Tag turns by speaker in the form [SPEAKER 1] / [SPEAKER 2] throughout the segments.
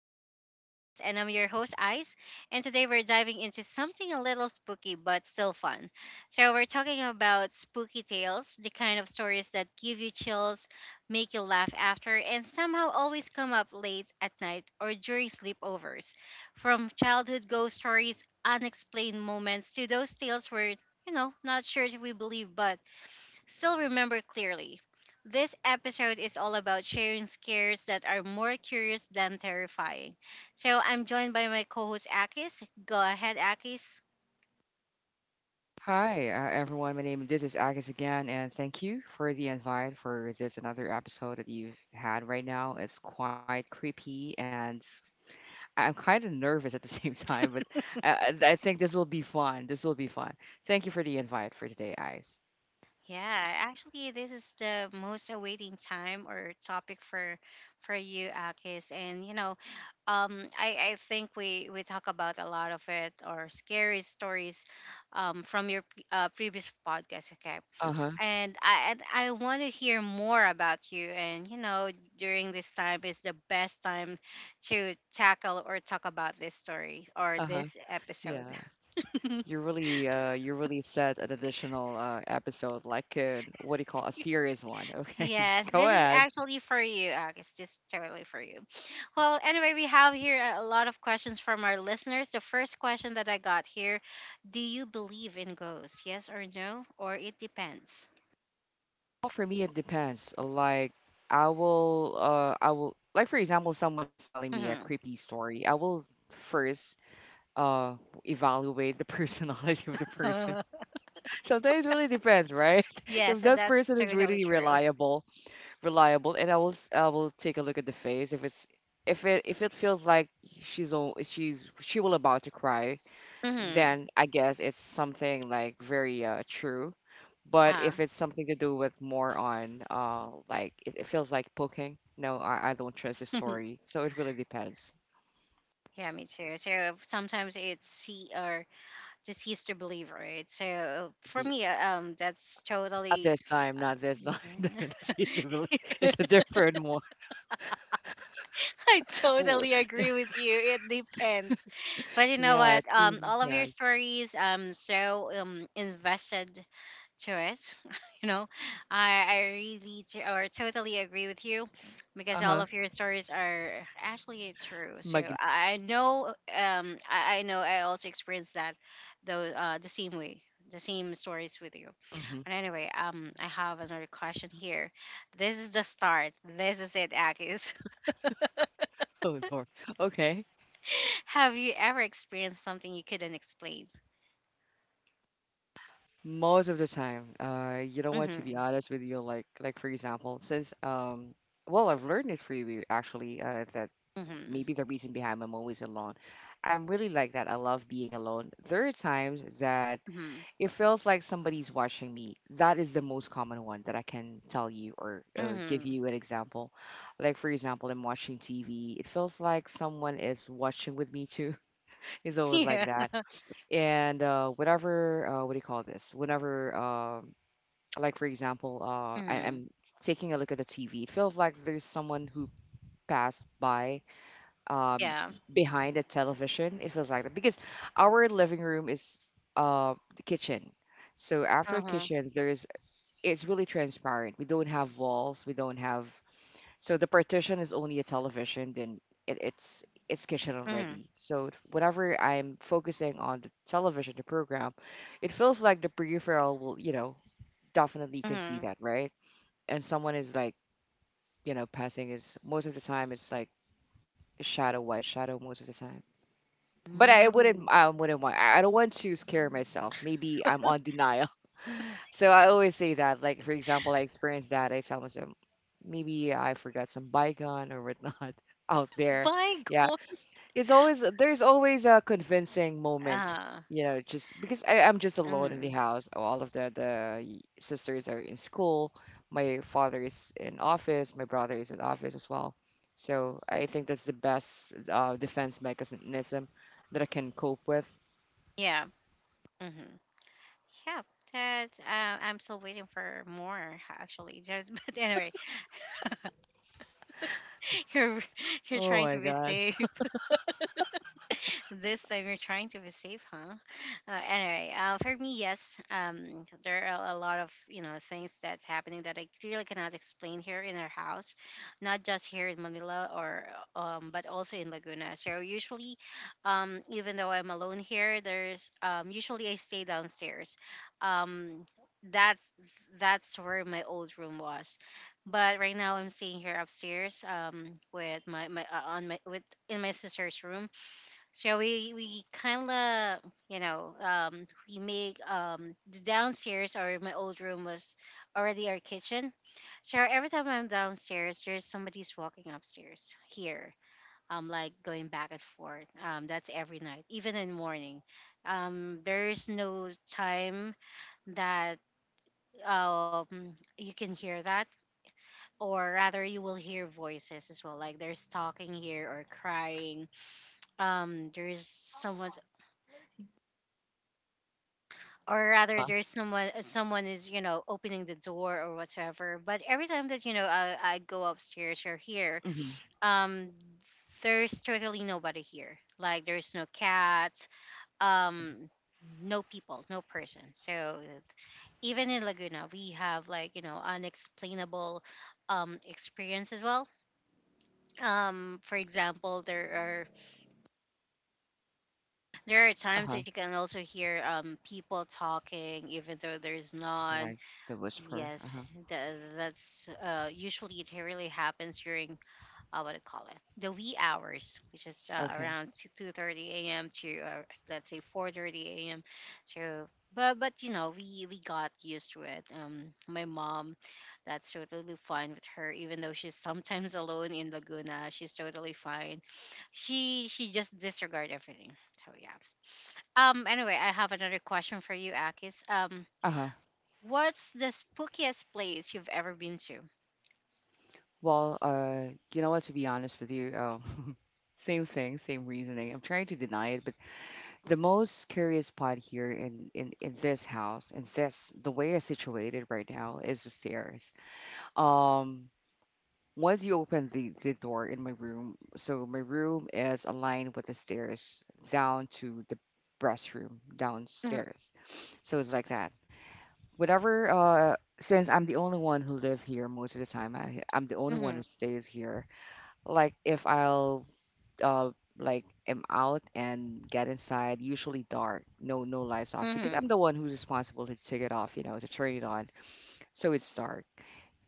[SPEAKER 1] Just Ice Things. And I'm your host, Ice. And today we're diving into something a little spooky but still fun. So, we're talking about spooky tales, the kind of stories that give you chills, make you laugh after, and somehow always come up late at night or during sleepovers. From childhood ghost stories, unexplained moments, to those tales we're, not sure if we believe, but still remember clearly. This episode is all about sharing scares that are more curious than terrifying. So I'm joined by my co-host Akis. Go ahead, Akis.
[SPEAKER 2] Hi, everyone. My name this is Agus again, and thank you for the invite for this another episode that you've had right now. It's quite creepy, and I'm kind of nervous at the same time, but I think this will be fun. This will be fun. Thank you for the invite for today, Ice.
[SPEAKER 1] Yeah, actually, this is the most awaiting time or topic for you, Akis. And I think we talk about a lot of it or scary stories, from your previous podcast. Okay,
[SPEAKER 2] Uh huh.
[SPEAKER 1] and I want to hear more about you. And during this time is the best time to tackle or talk about this story
[SPEAKER 2] Uh
[SPEAKER 1] or
[SPEAKER 2] huh.
[SPEAKER 1] this episode.
[SPEAKER 2] Yeah. You really said an additional episode, like what do you call a serious one? Okay,
[SPEAKER 1] Yes,
[SPEAKER 2] go
[SPEAKER 1] this is
[SPEAKER 2] ahead.
[SPEAKER 1] actually for you, Agus. This is totally for you. Well, anyway, we have here a lot of questions from our listeners. The first question that I got here: do you believe in ghosts? Yes or no? Or it depends.
[SPEAKER 2] Well, for me, it depends. Like, I will, like, for example, someone is telling me a
[SPEAKER 1] Hmm.
[SPEAKER 2] creepy story. I will first, uh, evaluate the personality of the person. Sometimes it really depends, right? If
[SPEAKER 1] Yes, and
[SPEAKER 2] that
[SPEAKER 1] that's
[SPEAKER 2] person is
[SPEAKER 1] totally
[SPEAKER 2] really
[SPEAKER 1] true.
[SPEAKER 2] reliable, reliable, and I will, I will take a look at the face. If it feels like she will about to cry,
[SPEAKER 1] Hmm.
[SPEAKER 2] then I guess it's something like very true. But
[SPEAKER 1] Uh.
[SPEAKER 2] if it's something to do with more on like it feels like poking, no, I don't trust the story. So it really depends.
[SPEAKER 1] Yeah, me too. So sometimes it's see or deceased to believe, right? So for
[SPEAKER 2] Y-
[SPEAKER 1] me, that's
[SPEAKER 2] Not
[SPEAKER 1] totally.
[SPEAKER 2] this time, not this time. Not
[SPEAKER 1] Mhm.
[SPEAKER 2] this is really, it's a different one.
[SPEAKER 1] I
[SPEAKER 2] Ooh,
[SPEAKER 1] totally agree with you. It depends, but you know
[SPEAKER 2] yeah,
[SPEAKER 1] what?
[SPEAKER 2] it really
[SPEAKER 1] All of your
[SPEAKER 2] depends.
[SPEAKER 1] stories, invested to it. you know, I really t- or totally agree with you because
[SPEAKER 2] Uh
[SPEAKER 1] all
[SPEAKER 2] huh.
[SPEAKER 1] of your stories are actually true. So
[SPEAKER 2] Mag-
[SPEAKER 1] I know, I know I also experienced that, though, the same way, the same stories with you.
[SPEAKER 2] mhm.
[SPEAKER 1] But anyway, I have another question here. This is the start. This is it, Akis.
[SPEAKER 2] Oh Lord. Okay.
[SPEAKER 1] Have you ever experienced something you couldn't explain?
[SPEAKER 2] Most of the time, you know what? To be
[SPEAKER 1] Mm-hmm.
[SPEAKER 2] honest with you, like for example, since well, I've learned it through you actually. That
[SPEAKER 1] Mm-hmm.
[SPEAKER 2] maybe the reason behind I'm always alone. I'm really like that. I love being alone. There are times that
[SPEAKER 1] Mm-hmm.
[SPEAKER 2] it feels like somebody's watching me. That is the most common one that I can tell you or give
[SPEAKER 1] Mm-hmm.
[SPEAKER 2] you an example. Like, for example, I'm watching TV. It feels like someone is watching with me too. It's always like
[SPEAKER 1] Yeah.
[SPEAKER 2] that. And whatever, what do you call this? Whenever, like, for example,
[SPEAKER 1] Mm-hmm.
[SPEAKER 2] I'm taking a look at the TV, it feels like there's someone who passed by um,
[SPEAKER 1] Yeah.
[SPEAKER 2] behind the television. It feels like that because our living room is the kitchen. So after
[SPEAKER 1] Uh-huh.
[SPEAKER 2] kitchen, there's it's really transparent. We don't have walls. We don't have so the partition is only a television. Then it's it's kitchen already. So whenever I'm focusing on the television, the program, it feels like the peripheral will, you know, definitely you can see
[SPEAKER 1] Mhm.
[SPEAKER 2] that right. And someone is like, you know, passing is most of the time it's like shadow white shadow most of the time, but I wouldn't
[SPEAKER 1] Mm.
[SPEAKER 2] I wouldn't want I don't want to scare myself. Maybe I'm on denial. So I always say that. Like for example, I experienced that. I tell myself maybe I forgot some bygone or whatnot out there.
[SPEAKER 1] By
[SPEAKER 2] Yeah,
[SPEAKER 1] God.
[SPEAKER 2] it's always, there's always a convincing moment,
[SPEAKER 1] Uh,
[SPEAKER 2] you know, just because I'm just alone in the
[SPEAKER 1] mm.
[SPEAKER 2] house, all of the sisters are in school, my father is in office, my brother is in office as well, so I think that's the best defense mechanism that I can cope with.
[SPEAKER 1] Yeah. Mm-hmm. Yeah. That I'm still waiting for more actually. Just but anyway, you're you're
[SPEAKER 2] Oh
[SPEAKER 1] trying
[SPEAKER 2] my
[SPEAKER 1] to be
[SPEAKER 2] God.
[SPEAKER 1] safe. This time you're trying to be safe, huh? Anyway, for me, yes, there are a lot of things that's happening that I clearly cannot explain here in our house, not just here in Manila or but also in Laguna. So usually, even though I'm alone here, there's usually I stay downstairs. Um, that that's where my old room was, but right now I'm staying here upstairs, with my my on my with in my sister's room. So we kind of, we make, the downstairs or my old room was already our kitchen. So every time I'm downstairs, there's somebody's walking upstairs here. Like going back and forth. That's every night, even in the morning. There is no time that you can hear that, or rather you will hear voices as well. Like there's talking here or crying. There's someone's, or
[SPEAKER 2] Uh,
[SPEAKER 1] rather, there's someone, someone is, opening the door or whatever. But every time that, I go upstairs or here,
[SPEAKER 2] hmm.
[SPEAKER 1] um there's totally nobody here. Like, there's no cat, um no people, no person. So even in Laguna we have, like, unexplainable, experience as well. For example, there are, times
[SPEAKER 2] Uh-huh.
[SPEAKER 1] that you can also hear, people talking even though there's none.
[SPEAKER 2] Like the whisperer,
[SPEAKER 1] Yes,
[SPEAKER 2] uh-huh.
[SPEAKER 1] that's, usually it really happens during, what do you call it, the wee hours, which is,
[SPEAKER 2] Okay.
[SPEAKER 1] around 2:30 a.m. to, let's say 4:30 a.m. So, but but we got used to it. My mom, that's totally fine with her, even though she's sometimes alone in Laguna. She's totally fine. She just disregard everything. So yeah. Anyway, I have another question for you, Akis.
[SPEAKER 2] Uh-huh.
[SPEAKER 1] What's the spookiest place you've ever been to?
[SPEAKER 2] Well, you know what, to be honest with you, same thing same reasoning I'm trying to deny it, but the most curious part here in this house, in this, the way it's situated right now is the stairs. Um, once you open the door in my room, so my room is aligned with the stairs down to the restroom
[SPEAKER 1] Mhm.
[SPEAKER 2] downstairs. So it's like that. Whatever, since I'm the only one who live here most of the time, I'm the only one
[SPEAKER 1] Mhm.
[SPEAKER 2] who stays here. Like if I'll uh like am out and get inside, usually dark, no no lights off because I'm
[SPEAKER 1] Mhm.
[SPEAKER 2] the one who's responsible to take it off, you know, to turn it on, so it's dark.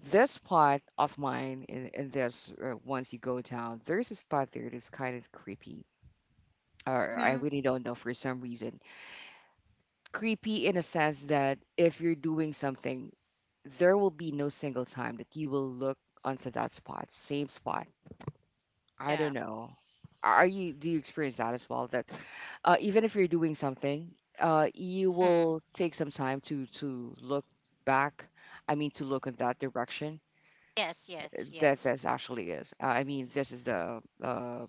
[SPEAKER 2] This spot of mine in this once you go down, there's a spot there that's kind of creepy. Or I
[SPEAKER 1] Mhm.
[SPEAKER 2] really don't know for some reason. Creepy in a sense that if you're doing something, there will be no single time that you will look onto that spot, same spot, I don't
[SPEAKER 1] Yeah.
[SPEAKER 2] know. Are you, do you experience that as well? That even if you're doing something, you
[SPEAKER 1] Mm.
[SPEAKER 2] will take some time to look back. I mean, to look in that direction.
[SPEAKER 1] Yes, yes,
[SPEAKER 2] That
[SPEAKER 1] yes.
[SPEAKER 2] this actually is. I mean, this is the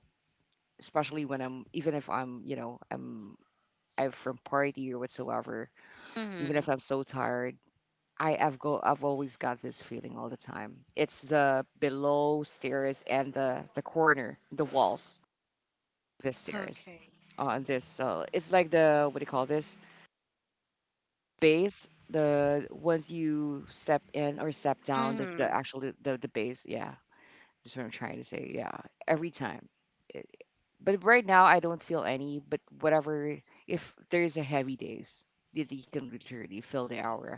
[SPEAKER 2] especially when I'm, even if I'm, you know, I'm from party or whatsoever. Even if
[SPEAKER 1] Mhm.
[SPEAKER 2] I'm so tired, I have go I've always got this feeling all the time. It's the below stairs and the corner, the walls, this series.
[SPEAKER 1] Okay.
[SPEAKER 2] On this, it's like the, what do you call this, base? The once you step in or step down, that's the
[SPEAKER 1] Mhm.
[SPEAKER 2] actual the base. Yeah, that's what I'm trying to say. Yeah, every time. It- But right now, I don't feel any. But whatever, if there's a heavy days, you can literally feel the aura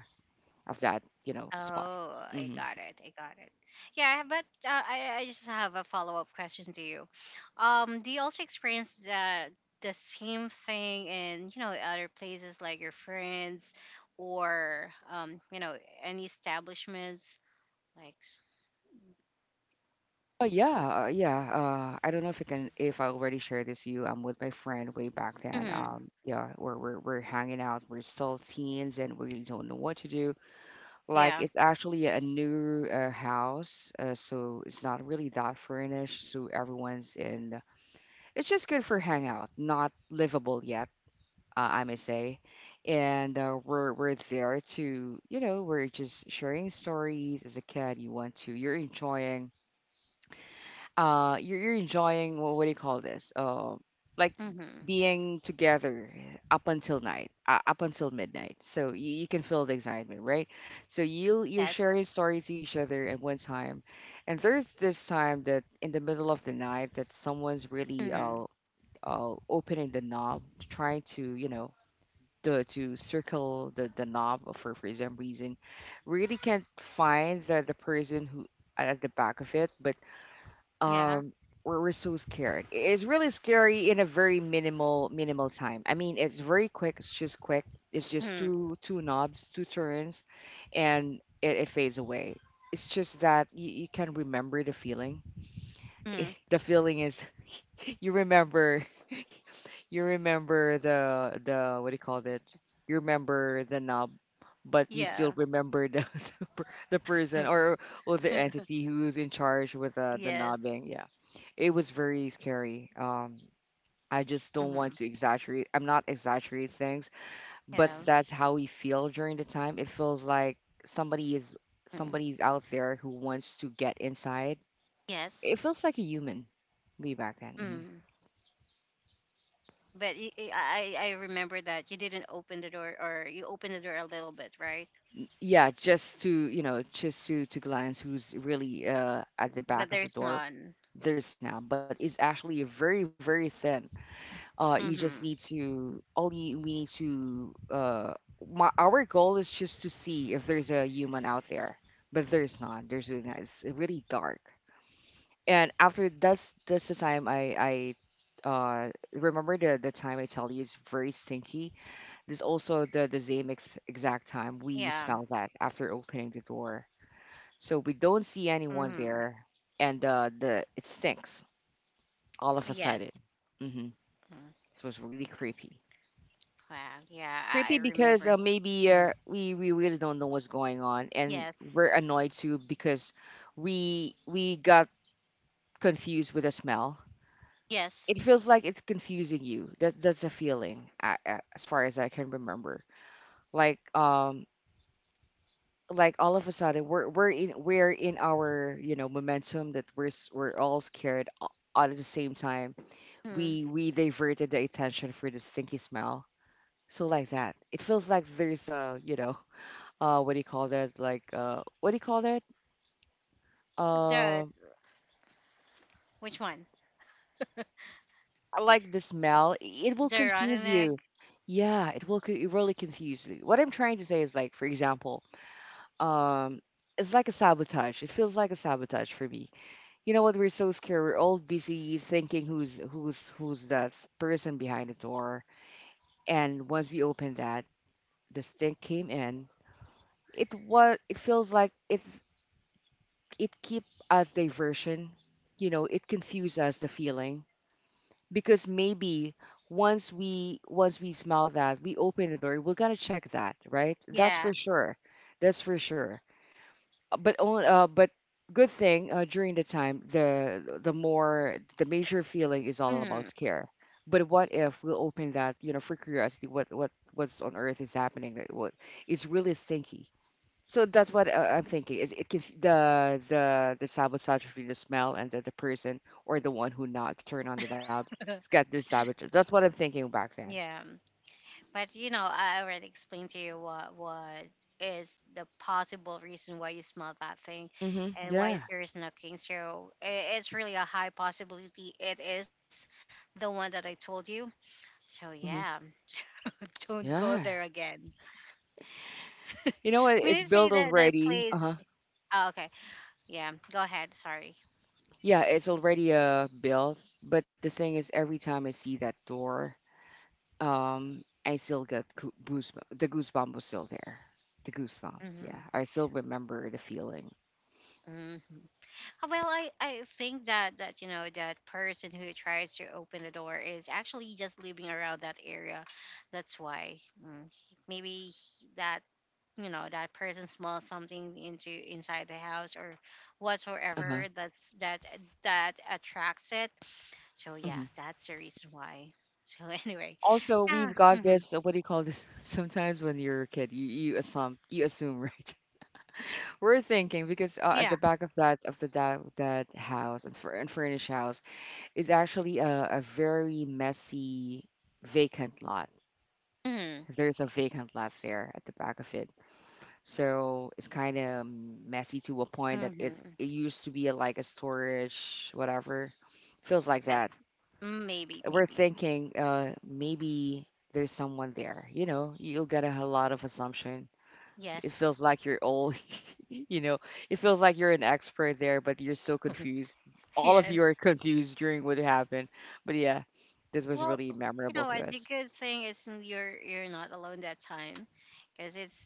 [SPEAKER 2] of that, you know,
[SPEAKER 1] Oh,
[SPEAKER 2] spot.
[SPEAKER 1] I
[SPEAKER 2] Mm-hmm.
[SPEAKER 1] got it. I got it. Yeah, but I just have a follow up question to you. Do you also experience the same thing in, other places like your friends or, any establishments, like?
[SPEAKER 2] Oh yeah, yeah. I don't know if I can, if I already shared this to you. I'm with my friend way back then.
[SPEAKER 1] Mm-hmm.
[SPEAKER 2] Yeah, we're we're hanging out. We're still teens, and we really don't know what to do. Like
[SPEAKER 1] Yeah.
[SPEAKER 2] it's actually a new house, so it's not really that furnished. So everyone's in. It's just good for hangout, not livable yet, I may say. And we're there to, you know, we're just sharing stories as a kid. You want to, you're enjoying you're enjoying, well, what do you call this, like
[SPEAKER 1] Mm-hmm.
[SPEAKER 2] being together up until night, up until midnight, so you can feel the excitement right, so you'll you share
[SPEAKER 1] Yes.
[SPEAKER 2] your stories to each other at one time, and there's this time that in the middle of the night that someone's really
[SPEAKER 1] Hmm.
[SPEAKER 2] opening the knob, trying to, you know, to circle the knob for some reason, really can't find the person who at the back of it, but
[SPEAKER 1] Yeah.
[SPEAKER 2] um we're so scared, it's really scary in a very minimal minimal time, I mean it's very quick, it's just quick, it's just
[SPEAKER 1] Hmm.
[SPEAKER 2] two knobs, two turns, and it fades away. It's just that you can remember the feeling.
[SPEAKER 1] Hmm.
[SPEAKER 2] The feeling is you remember you remember the, what do you call it? You remember the knob, but you still
[SPEAKER 1] Yeah.
[SPEAKER 2] remember the the person or the entity who's in charge with the
[SPEAKER 1] Yes.
[SPEAKER 2] knobbing. Yeah, it was very scary. I just don't want
[SPEAKER 1] Hmm.
[SPEAKER 2] to exaggerate. I'm not exaggerate things, but
[SPEAKER 1] Yeah.
[SPEAKER 2] that's how we feel during the time. It feels like somebody is
[SPEAKER 1] Mm.
[SPEAKER 2] somebody's out there who wants to get inside,
[SPEAKER 1] Yes.
[SPEAKER 2] it feels like a human way back then. Mhm.
[SPEAKER 1] Mm. But I remember that you didn't open the door, or you opened the door a little bit, right?
[SPEAKER 2] Yeah, just to, you know, just to glance who's really at the
[SPEAKER 1] But
[SPEAKER 2] back of the
[SPEAKER 1] there's
[SPEAKER 2] door.
[SPEAKER 1] none.
[SPEAKER 2] There's now, but it's actually very very thin. You just need
[SPEAKER 1] Hmm.
[SPEAKER 2] to all we need to my our goal is just to see if there's a human out there, but there's not. There's really not. It's really dark. And after that's the time I remember the time I tell you it's very stinky. This also the exact time we
[SPEAKER 1] Yeah.
[SPEAKER 2] smell that after opening the door. So we don't see anyone
[SPEAKER 1] Hmm.
[SPEAKER 2] there, and the it stinks all of a sudden.
[SPEAKER 1] Yes.
[SPEAKER 2] Hmm.
[SPEAKER 1] Mm.
[SPEAKER 2] This was really creepy.
[SPEAKER 1] Wow. Yeah. I
[SPEAKER 2] Creepy because
[SPEAKER 1] remember.
[SPEAKER 2] maybe
[SPEAKER 1] Hmm.
[SPEAKER 2] we really don't know what's going on, and
[SPEAKER 1] Yes.
[SPEAKER 2] we're annoyed too because we got confused with the smell.
[SPEAKER 1] Yes.
[SPEAKER 2] It feels like it's confusing you. That that's a feeling, as far as I can remember. Like um, like all of a sudden we're in our, you know, momentum that we're all scared, all at the same time,
[SPEAKER 1] Mm.
[SPEAKER 2] we diverted the attention for the stinky smell, so like that, it feels like there's a, you know, what do you call that, like, what do you call that,
[SPEAKER 1] The
[SPEAKER 2] uh
[SPEAKER 1] Which one?
[SPEAKER 2] like the smell it will
[SPEAKER 1] The rotten
[SPEAKER 2] confuse you.
[SPEAKER 1] egg.
[SPEAKER 2] Yeah it will it really confuse you. What I'm trying to say is like for example, um it's like a sabotage, it feels like a sabotage for me. You know what? We're so scared. We're all busy thinking who's that person behind the door. And once we opened that, the stink came in. It was. It feels like it. It keep us diversion. You know, it confuse us the feeling because maybe once we smell that we open the door, we're gonna check that, right? That's
[SPEAKER 1] Yeah.
[SPEAKER 2] for sure. That's for sure. But on- but Good thing during the time the more the major feeling is all about
[SPEAKER 1] Hmm.
[SPEAKER 2] scare. But what if we'll open that, for curiosity? What's on earth is happening, that what is really stinky? So that's what I'm thinking. It can the sabotage between the smell and the person, or the one who not turn on the knob. It's got this sabotage. That's what I'm thinking back then.
[SPEAKER 1] Yeah. But you know, I already explained to you what is the possible reason why you smell that thing,
[SPEAKER 2] Hmm.
[SPEAKER 1] and why is
[SPEAKER 2] Yeah.
[SPEAKER 1] there is no king. So it's really a high possibility. It is the one that I told you. So
[SPEAKER 2] Hmm.
[SPEAKER 1] yeah, don't go
[SPEAKER 2] Yeah.
[SPEAKER 1] there again.
[SPEAKER 2] You know, it,
[SPEAKER 1] I
[SPEAKER 2] it's
[SPEAKER 1] mean, say
[SPEAKER 2] built
[SPEAKER 1] that that
[SPEAKER 2] already.
[SPEAKER 1] plays.
[SPEAKER 2] Uh-huh.
[SPEAKER 1] Oh, okay, yeah. Go ahead. Sorry.
[SPEAKER 2] Yeah, it's already built, but the thing is, every time I see that door, I still get goosebumps. The goosebump was still there. The goosebump. Yeah,
[SPEAKER 1] Mm-hmm.
[SPEAKER 2] I still remember the feeling.
[SPEAKER 1] Mm-hmm. Well, I think that that person who tries to open the door is actually just living around that area. That's why, mm, maybe he- that you know that person smells something into inside the house or
[SPEAKER 2] Uh-huh.
[SPEAKER 1] whatsoever that's that attracts it. So yeah,
[SPEAKER 2] Hmm.
[SPEAKER 1] that's the reason why. So anyway,
[SPEAKER 2] Also, we've got
[SPEAKER 1] mm-hmm.
[SPEAKER 2] this. What do you call this? Sometimes when you're a kid, you assume right. We're thinking because at
[SPEAKER 1] Yeah.
[SPEAKER 2] the back of that of the that house and for unfurnished house is actually a very messy vacant lot.
[SPEAKER 1] Mm-hmm.
[SPEAKER 2] There's a vacant lot there at the back of it. So it's kind of messy to a point that it's,
[SPEAKER 1] Mm-hmm.
[SPEAKER 2] it used to be like a storage, whatever. Feels like that.
[SPEAKER 1] Yes. Maybe,
[SPEAKER 2] We're
[SPEAKER 1] maybe,
[SPEAKER 2] thinking maybe there's someone there. You know, you'll get a lot of assumption. It
[SPEAKER 1] yes.
[SPEAKER 2] feels like you're all, you know, it feels like you're an expert there, but you're so confused. All of
[SPEAKER 1] Yes.
[SPEAKER 2] you are confused during what happened. But yeah, this was
[SPEAKER 1] Well,
[SPEAKER 2] really
[SPEAKER 1] you
[SPEAKER 2] memorable
[SPEAKER 1] know
[SPEAKER 2] to
[SPEAKER 1] what? The
[SPEAKER 2] us.
[SPEAKER 1] good thing is, you're not alone that time, because it's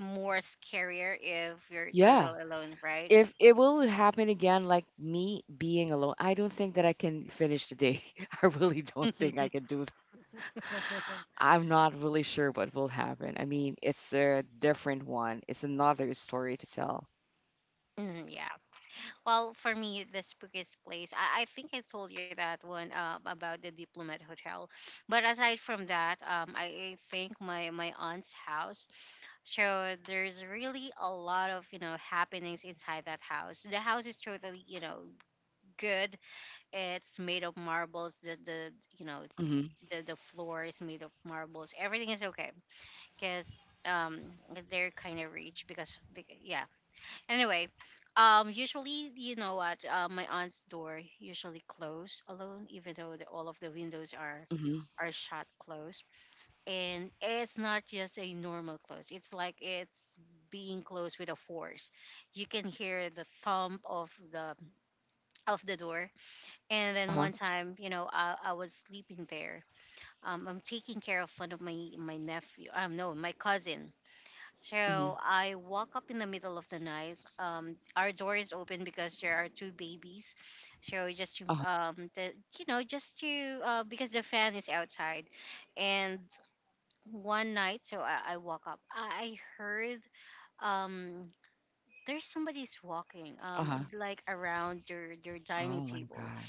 [SPEAKER 1] more scarier if you're
[SPEAKER 2] Yeah,
[SPEAKER 1] totally alone, right?
[SPEAKER 2] if it will happen again, like me being alone, I don't think that I can finish the day. I really don't think I can do that. I'm not really sure what will happen. I mean, it's a different one. It's another story to tell.
[SPEAKER 1] Mm, yeah. Well, for me, the spookiest place. I think I told you that one, about the Diplomat Hotel, but aside from that, I think my aunt's house. So there's really a lot of, happenings inside that house. The house is totally, good. It's made of marbles. The you know
[SPEAKER 2] Mhm.
[SPEAKER 1] the floor is made of marbles. Everything is okay because, um they're kind of rich because yeah. Anyway, usually, you know what my aunt's door usually closed alone, even though all of the windows are
[SPEAKER 2] Mhm.
[SPEAKER 1] are shut closed. And it's not just a normal close. It's like it's being closed with a force. You can hear the thump of the door. And
[SPEAKER 2] Uh
[SPEAKER 1] then
[SPEAKER 2] huh.
[SPEAKER 1] one time, I was sleeping there, I'm taking care of one of my nephew. No, my cousin. So
[SPEAKER 2] Mhm.
[SPEAKER 1] I woke up in the middle of the night. Our door is open because there are two babies. So just to,
[SPEAKER 2] Uh huh.
[SPEAKER 1] because the fan is outside, and one night, so I woke up. I heard, um, there's somebody's walking,
[SPEAKER 2] Uh huh.
[SPEAKER 1] like around their
[SPEAKER 2] Oh
[SPEAKER 1] dining
[SPEAKER 2] my
[SPEAKER 1] table.
[SPEAKER 2] god.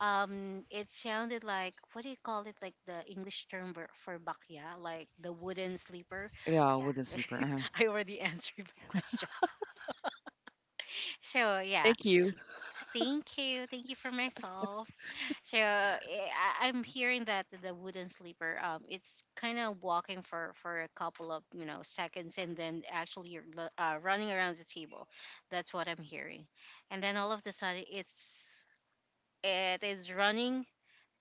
[SPEAKER 1] It sounded like, what do you call it, like the English term for bakya, like the wooden sleeper.
[SPEAKER 2] Yeah, wooden
[SPEAKER 1] Yeah.
[SPEAKER 2] sleeper. Uh huh.
[SPEAKER 1] I already answered my question, so yeah.
[SPEAKER 2] Thank you.
[SPEAKER 1] Thank you. Thank you for myself. So, I'm hearing that the wooden sleeper, it's kind of walking for a couple of, seconds, and then actually you're running around the table. That's what I'm hearing. And then all of a sudden it is running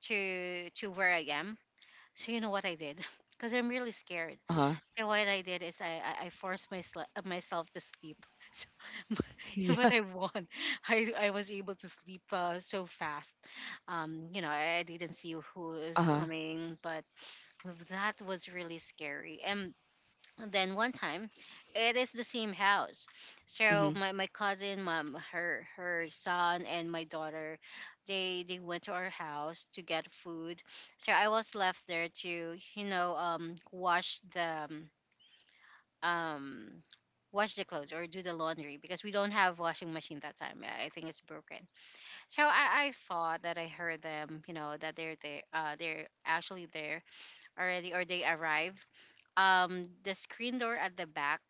[SPEAKER 1] to where I am. So you know what I did? Because I'm really scared.
[SPEAKER 2] Uh huh.
[SPEAKER 1] So what I did is I forced my myself to sleep. So but
[SPEAKER 2] Yeah.
[SPEAKER 1] I won. I was able to sleep, so fast. I didn't see who
[SPEAKER 2] Uh
[SPEAKER 1] was
[SPEAKER 2] huh.
[SPEAKER 1] coming, but that was really scary. And then one time, it is the same house. So
[SPEAKER 2] Mhm.
[SPEAKER 1] my cousin, mom, her son, and my daughter, they went to our house to get food. So I was left there to, wash the, um wash the clothes or do the laundry, because we don't have washing machine that time. I think it's broken. So I thought that I heard them, that they're there. They're actually there already, or they arrive, the screen door at the back,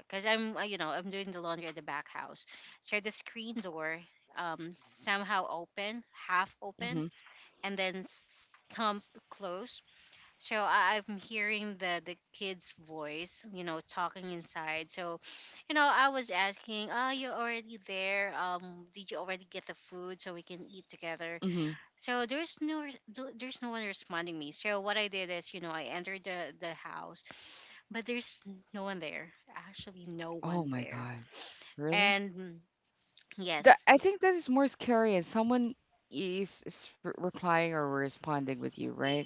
[SPEAKER 1] because I'm, I'm doing the laundry at the back house. So the screen door, somehow open, half open,
[SPEAKER 2] Mhm.
[SPEAKER 1] and then stump closed. So I'm hearing the kids voice, talking inside. So, I was asking, oh, you're already there, did you already get the food so we can eat together?
[SPEAKER 2] Mhm.
[SPEAKER 1] So there's no one responding me. So what I did is, I entered the house, but there's no one there. Actually, no
[SPEAKER 2] Oh
[SPEAKER 1] one
[SPEAKER 2] my
[SPEAKER 1] there.
[SPEAKER 2] god. Really?
[SPEAKER 1] And mm,
[SPEAKER 2] That,
[SPEAKER 1] yes,
[SPEAKER 2] I think, that is more scary as someone is replying or responding with you, right?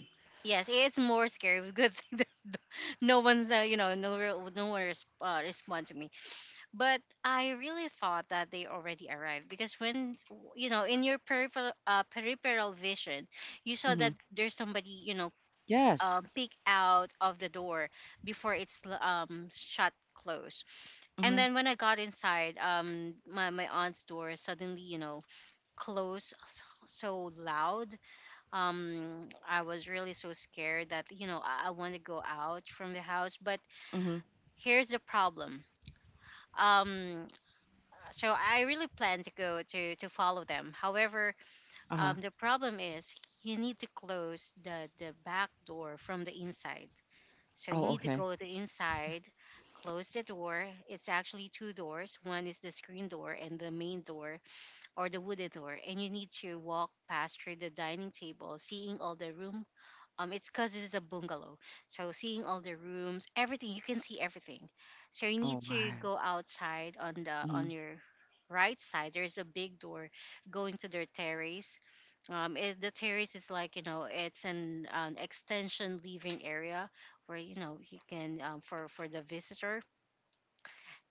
[SPEAKER 1] yes, it's more scary. Good thing there's no no one's, you know, no re- no one res- respond to me. But I really thought that they already arrived because when in your peripheral vision, you saw
[SPEAKER 2] Mm-hmm.
[SPEAKER 1] that there's somebody, you know,
[SPEAKER 2] Yes.
[SPEAKER 1] um, peek out of the door before it's shut closed. And
[SPEAKER 2] Mm-hmm.
[SPEAKER 1] then when I got inside, my aunt's door suddenly, you know, so loud. I was really so scared that, you know, I want to go out from the house. But
[SPEAKER 2] Mm-hmm.
[SPEAKER 1] here's the problem. Um, so I really plan to to follow them. However,
[SPEAKER 2] Uh-huh.
[SPEAKER 1] the problem is you need to close the back door from the inside. So you
[SPEAKER 2] Oh,
[SPEAKER 1] need to
[SPEAKER 2] okay.
[SPEAKER 1] go the inside, close the door. It's actually two doors. One is the screen door and the main door or the wooden door. And you need to walk past through the dining table, seeing all the room. It's because this is a bungalow, so seeing all the rooms, everything, you can see everything. So you need
[SPEAKER 2] Oh
[SPEAKER 1] to
[SPEAKER 2] my.
[SPEAKER 1] go outside on the
[SPEAKER 2] Mm-hmm.
[SPEAKER 1] on your right side. There's a big door going to their terrace. The terrace is like, you know, it's an extension living area where, you know, you can, for the visitor.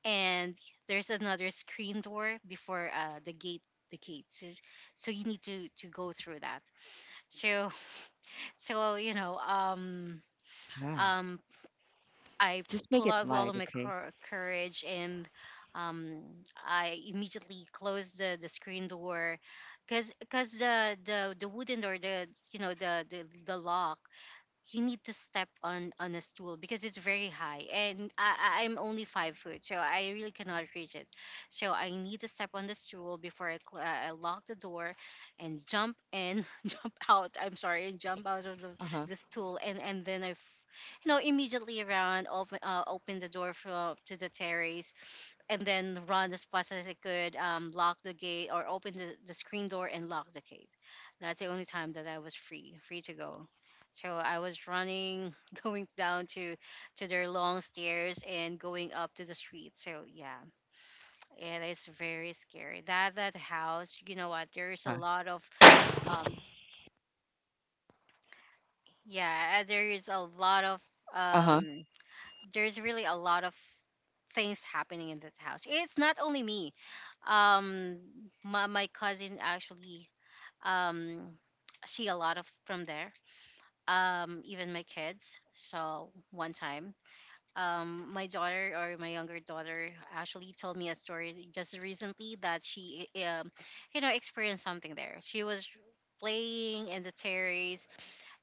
[SPEAKER 1] And there's another screen door before the gate, the gate, so, so you need to go through that. So so you know um
[SPEAKER 2] Yeah.
[SPEAKER 1] um I
[SPEAKER 2] Just
[SPEAKER 1] pull
[SPEAKER 2] make it
[SPEAKER 1] out all of
[SPEAKER 2] light,
[SPEAKER 1] my
[SPEAKER 2] okay?
[SPEAKER 1] courage, and um I immediately close the screen door, because because the the wooden door, the, you know, the the lock, you need to step on a stool, because it's very high, and I'm only 5 foot, so I really cannot reach it. So I need to step on the stool before I lock the door and jump in jump out, I'm sorry, and jump out of
[SPEAKER 2] Uh-huh.
[SPEAKER 1] the stool, and then i immediately around open open the door to the terrace, and then run as fast as I could, lock the gate or open the screen door and lock the gate. That's the only time that I was free, free to go. So I was running, going down to their long stairs and going up to the street. So yeah, it is very scary. That that house, you know what? There is a
[SPEAKER 2] Uh-huh.
[SPEAKER 1] lot of um, yeah, there is a lot of
[SPEAKER 2] Uh-huh.
[SPEAKER 1] um there's really a lot of things happening in that house. It's not only me. Um, my cousin actually, um, see a lot of from there. Even my kids. So one time, my younger daughter actually told me a story just recently that you know, experienced something there. She was playing in the terrace.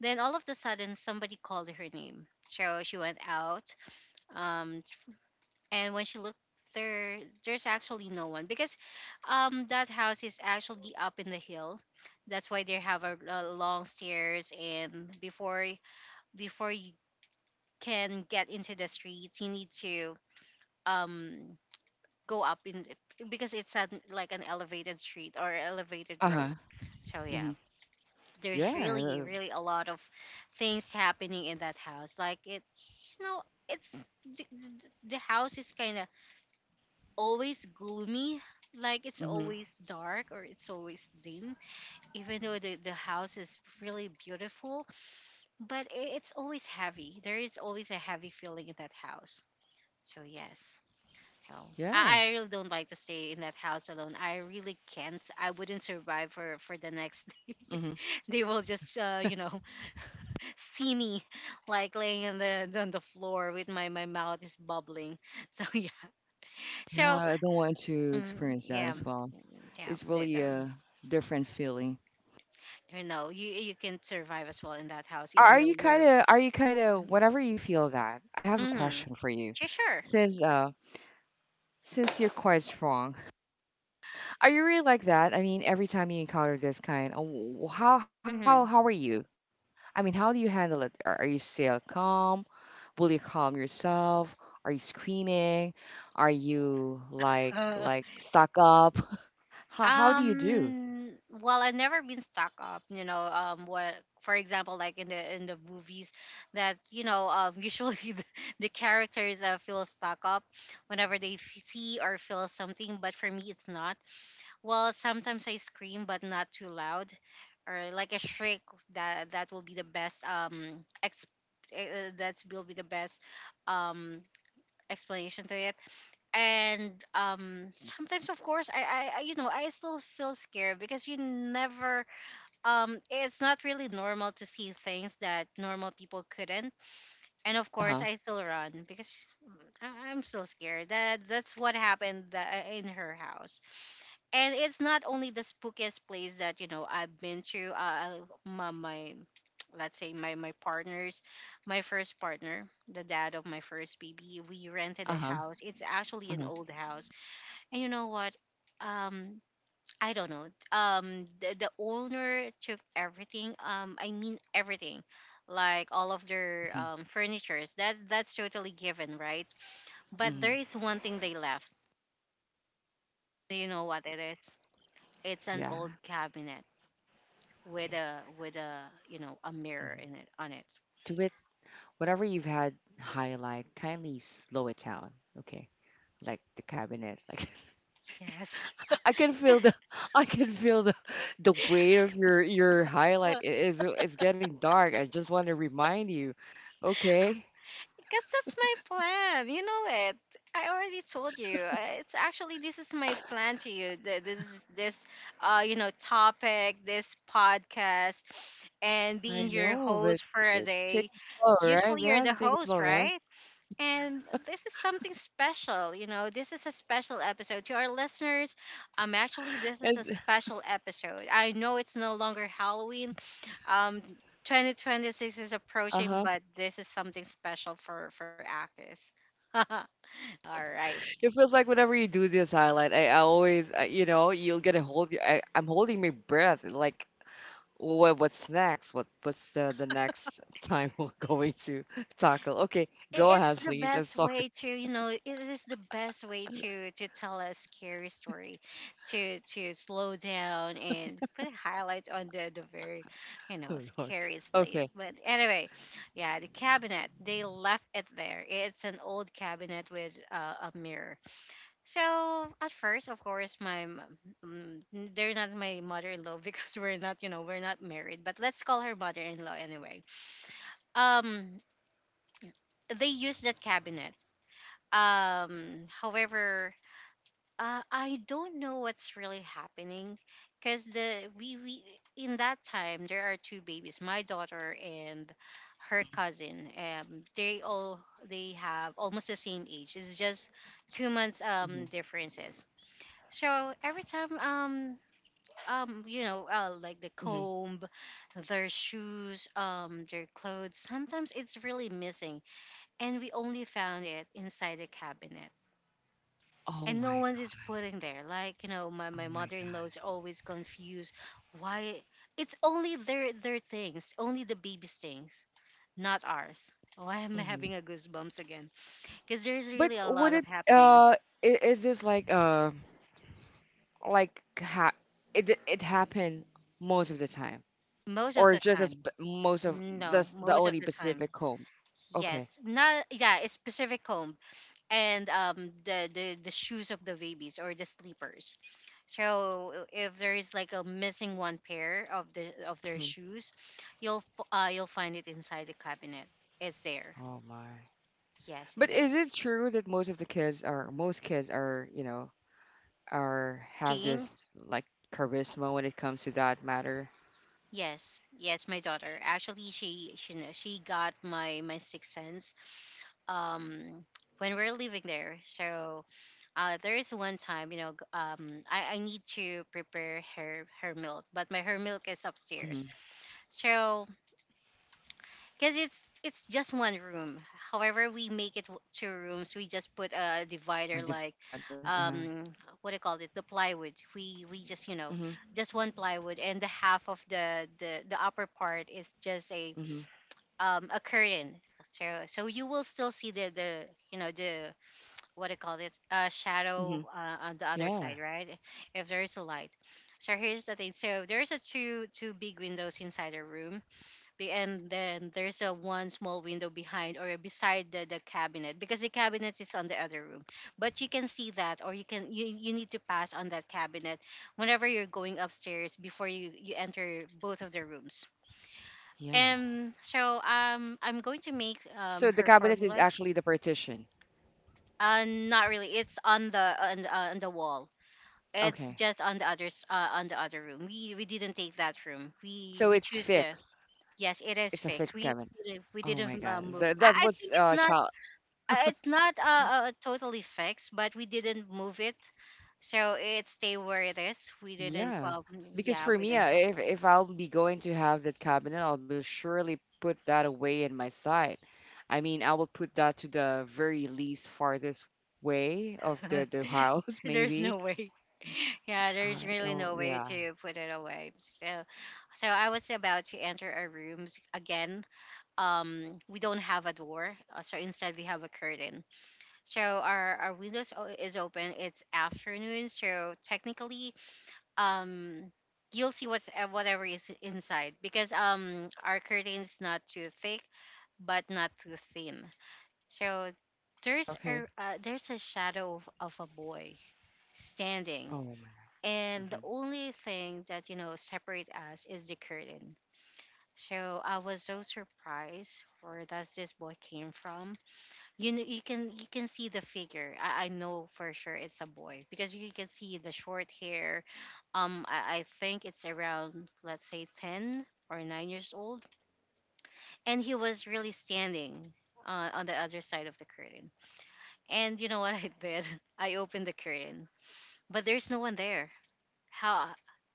[SPEAKER 1] Then all of the sudden, somebody called her name. So she went out, um, and when she looked there, there's actually no one, because that house is actually up in the hill. That's why they have a long stairs, and before, before you can get into the streets, you need to um go up in because it's like an elevated street or elevated
[SPEAKER 2] Uh-huh.
[SPEAKER 1] road. So
[SPEAKER 2] Mm-hmm.
[SPEAKER 1] yeah, there's really
[SPEAKER 2] Yeah.
[SPEAKER 1] really a lot of things happening in that house, like it, you know, it's the, the the house is kind of always gloomy, like it's
[SPEAKER 2] Mm-hmm.
[SPEAKER 1] always dark or it's always dim, even though the house is really beautiful, but it's always heavy, there is always a heavy feeling in that house, so yes. No.
[SPEAKER 2] Yeah.
[SPEAKER 1] I really don't like to stay in that house alone. I really can't. I wouldn't survive for the next
[SPEAKER 2] Mm-hmm.
[SPEAKER 1] they will just you know, see me like laying on the floor with my mouth is bubbling. So yeah,
[SPEAKER 2] Yeah.
[SPEAKER 1] so
[SPEAKER 2] I don't want to
[SPEAKER 1] mm,
[SPEAKER 2] experience that
[SPEAKER 1] yeah
[SPEAKER 2] as
[SPEAKER 1] mm,
[SPEAKER 2] well.
[SPEAKER 1] yeah
[SPEAKER 2] It's
[SPEAKER 1] the-
[SPEAKER 2] really
[SPEAKER 1] the-
[SPEAKER 2] a different feeling.
[SPEAKER 1] you know, you can survive as well in that house even
[SPEAKER 2] Are
[SPEAKER 1] though
[SPEAKER 2] you kind
[SPEAKER 1] you're
[SPEAKER 2] of? Are you kind of? Whatever you feel that. I have a
[SPEAKER 1] mm-hmm.
[SPEAKER 2] question for you.
[SPEAKER 1] Sure, sure.
[SPEAKER 2] Since uh Since you're quite strong, are you really like that? I mean, every time you encounter this kind, oh, how are you? I mean, how do you handle it? Are you still calm? Will you calm yourself? Are you screaming? Are you like
[SPEAKER 1] Mm-hmm.
[SPEAKER 2] like stuck up? How do you do?
[SPEAKER 1] Well, I've never been stuck up, you know, what, for example, like in the movies that, you know, usually the characters, feel stuck up whenever they see or feel something, but for me, it's not. Well, sometimes I scream, but not too loud, or like a shriek. That will be the best ex. That will be the best um explanation to it. And sometimes, of course, I you know I still feel scared, because you never it's not really normal to see things that normal people couldn't. And of
[SPEAKER 2] Uh
[SPEAKER 1] course, I
[SPEAKER 2] huh.
[SPEAKER 1] still run because I'm still scared. That that's what happened in her house, and it's not only the spookiest place that, you know, I've been to. My, let's say my partners, my first partner, the dad of my first baby, we rented a
[SPEAKER 2] Uh huh.
[SPEAKER 1] house. It's actually an
[SPEAKER 2] Uh
[SPEAKER 1] old
[SPEAKER 2] huh.
[SPEAKER 1] house, and you know what? Um, I don't know. The owner took everything. I mean everything, like all of their
[SPEAKER 2] Mm-hmm.
[SPEAKER 1] furnitures. That that's totally given, right? But there is
[SPEAKER 2] Hmm.
[SPEAKER 1] one thing they left. Do you know what it is? It's an old
[SPEAKER 2] Yeah.
[SPEAKER 1] cabinet with
[SPEAKER 2] Okay.
[SPEAKER 1] a you know, a mirror
[SPEAKER 2] Hmm.
[SPEAKER 1] in it, on it.
[SPEAKER 2] Do it. Whatever you've had highlight, kindly slow it down. Okay. Like the cabinet. Like
[SPEAKER 1] Yes.
[SPEAKER 2] I can feel the I can feel the weight of your highlight. It's getting dark. I just want to remind you. Okay.
[SPEAKER 1] Because that's my plan, you know, it, I already told you, it's actually, this is my plan to you, th- this is this you know topic, this podcast, and being
[SPEAKER 2] I
[SPEAKER 1] your
[SPEAKER 2] know,
[SPEAKER 1] host
[SPEAKER 2] but
[SPEAKER 1] for a
[SPEAKER 2] take
[SPEAKER 1] day.
[SPEAKER 2] it slow, right,
[SPEAKER 1] Usually you're the
[SPEAKER 2] man? Take it
[SPEAKER 1] host,
[SPEAKER 2] slow, man.
[SPEAKER 1] right. And this is something special, you know. This is a special episode to our listeners. Actually, this is a
[SPEAKER 2] And
[SPEAKER 1] special episode. I know it's no longer Halloween. Um, 2026 is approaching,
[SPEAKER 2] uh-huh.
[SPEAKER 1] but this is something special for actors. All right.
[SPEAKER 2] It feels like whenever you do this highlight, I always you'll get a hold. I'm holding my breath like what's next? What's the next time we're going to tackle? Okay, go
[SPEAKER 1] It's
[SPEAKER 2] ahead,
[SPEAKER 1] the
[SPEAKER 2] please. I'm
[SPEAKER 1] best
[SPEAKER 2] sorry.
[SPEAKER 1] way to, you know, it is the best way to tell a scary story, to slow down and put a highlight on the very, you know,
[SPEAKER 2] Oh, Lord.
[SPEAKER 1] scariest place,
[SPEAKER 2] Okay.
[SPEAKER 1] but anyway, yeah, the cabinet, they left it there, it's an old cabinet with a mirror. So at first, of course, mm, they're not my mother-in-law because we're not, you know, we're not married, but let's call her mother-in-law anyway. um they used that cabinet. Um, however, I don't know what's really happening, because the we, in that time, there are two babies, my daughter and her cousin. They all, they have almost the same age. It's just 2 months
[SPEAKER 2] Hmm.
[SPEAKER 1] differences. So every time like the comb, their shoes, their clothes. Sometimes it's really missing, and we only found it inside the cabinet,
[SPEAKER 2] Oh
[SPEAKER 1] and no
[SPEAKER 2] my
[SPEAKER 1] one's
[SPEAKER 2] god.
[SPEAKER 1] is putting there, like, you know,
[SPEAKER 2] Oh
[SPEAKER 1] my
[SPEAKER 2] my god.
[SPEAKER 1] mother-in-law's are always confused why it's only their things, only the baby's things, not ours. Oh, I am
[SPEAKER 2] Hmm.
[SPEAKER 1] having a goosebumps again because there's
[SPEAKER 2] But
[SPEAKER 1] really a lot of happening.
[SPEAKER 2] is this like ha it happened most of the time,
[SPEAKER 1] Most of
[SPEAKER 2] or
[SPEAKER 1] the
[SPEAKER 2] just as
[SPEAKER 1] time.
[SPEAKER 2] most of
[SPEAKER 1] No,
[SPEAKER 2] the
[SPEAKER 1] most of
[SPEAKER 2] only
[SPEAKER 1] the time.
[SPEAKER 2] Pacific home? Okay.
[SPEAKER 1] Yes. Not, yeah, a specific home. And the shoes of the babies, or the sleepers, so if there is like a missing one pair of their
[SPEAKER 2] Hmm.
[SPEAKER 1] shoes, you'll you'll find it inside the cabinet. It's there.
[SPEAKER 2] Oh my.
[SPEAKER 1] Yes,
[SPEAKER 2] But
[SPEAKER 1] it
[SPEAKER 2] is
[SPEAKER 1] is.
[SPEAKER 2] it true that most kids are have
[SPEAKER 1] She.
[SPEAKER 2] this like charisma when it comes to that matter?
[SPEAKER 1] Yes, yes, my daughter, actually, she she got my sixth sense. Um, when we are living there, so, there is one time, you know, I need to prepare her milk, but my her milk is upstairs.
[SPEAKER 2] Hmm.
[SPEAKER 1] So, because it's just one room. However, we make it two rooms. We just put a
[SPEAKER 2] A
[SPEAKER 1] divider, like,
[SPEAKER 2] divider. Uh-huh.
[SPEAKER 1] um, what do you call it? The plywood. We just, you know,
[SPEAKER 2] Hmm.
[SPEAKER 1] just one plywood, and the half of the upper part is just
[SPEAKER 2] Hmm.
[SPEAKER 1] a curtain. So so you will still see the you know, the what do you call it?
[SPEAKER 2] Hmm.
[SPEAKER 1] Shadow on the other
[SPEAKER 2] Yeah.
[SPEAKER 1] side, right? If there is a light. So here's the thing. So there's a two big windows inside the room, and then there's a one small window behind or beside the cabinet, because the cabinet is on the other room, but you can see that, or you can, you need to pass on that cabinet whenever you're going upstairs before you enter both of the rooms.
[SPEAKER 2] Yeah.
[SPEAKER 1] And so I'm going to make
[SPEAKER 2] So the
[SPEAKER 1] her
[SPEAKER 2] cabinet is
[SPEAKER 1] formula.
[SPEAKER 2] actually the partition.
[SPEAKER 1] Uh, not really, it's on the on the wall. It's
[SPEAKER 2] Okay.
[SPEAKER 1] just on the others, on the other room. We didn't take that room.
[SPEAKER 2] So
[SPEAKER 1] We
[SPEAKER 2] it's
[SPEAKER 1] choose the.
[SPEAKER 2] fixed.
[SPEAKER 1] Yes,
[SPEAKER 2] It's a
[SPEAKER 1] it is
[SPEAKER 2] fixed cabinet.
[SPEAKER 1] fixed. We
[SPEAKER 2] Oh my
[SPEAKER 1] we
[SPEAKER 2] God.
[SPEAKER 1] didn't
[SPEAKER 2] That
[SPEAKER 1] move. I,
[SPEAKER 2] was
[SPEAKER 1] I think
[SPEAKER 2] child.
[SPEAKER 1] it's not totally fixed, but we didn't move it, so it stay where it is. We didn't.
[SPEAKER 2] Yeah.
[SPEAKER 1] Well,
[SPEAKER 2] Because
[SPEAKER 1] yeah,
[SPEAKER 2] for
[SPEAKER 1] we
[SPEAKER 2] me, if I'll be going to have that cabinet, I'll be surely put that away in my side. I mean, I will put that to the very least farthest way of the
[SPEAKER 1] didn't.
[SPEAKER 2] the house,
[SPEAKER 1] There's no
[SPEAKER 2] maybe.
[SPEAKER 1] way. Yeah, there's really
[SPEAKER 2] Oh
[SPEAKER 1] no way
[SPEAKER 2] yeah.
[SPEAKER 1] to put it away. So I was about to enter our rooms again. We don't have a door, so instead we have a curtain. So our windows is open. It's afternoon, so technically um you'll see what's whatever is inside because our curtain's not too thick but not too thin so
[SPEAKER 2] Okay.
[SPEAKER 1] there's a shadow of a boy standing,
[SPEAKER 2] Oh my.
[SPEAKER 1] and
[SPEAKER 2] Mm-hmm.
[SPEAKER 1] the only thing that you know separate us is the curtain. So I was so surprised, where does this boy came from? You know, you can see the figure. I know for sure it's a boy because you can see the short hair. I think it's around, let's say, 10 or 9 years old, and he was really standing on the other side of the curtain. And you know what I did? I opened the curtain, but there's no one there. How?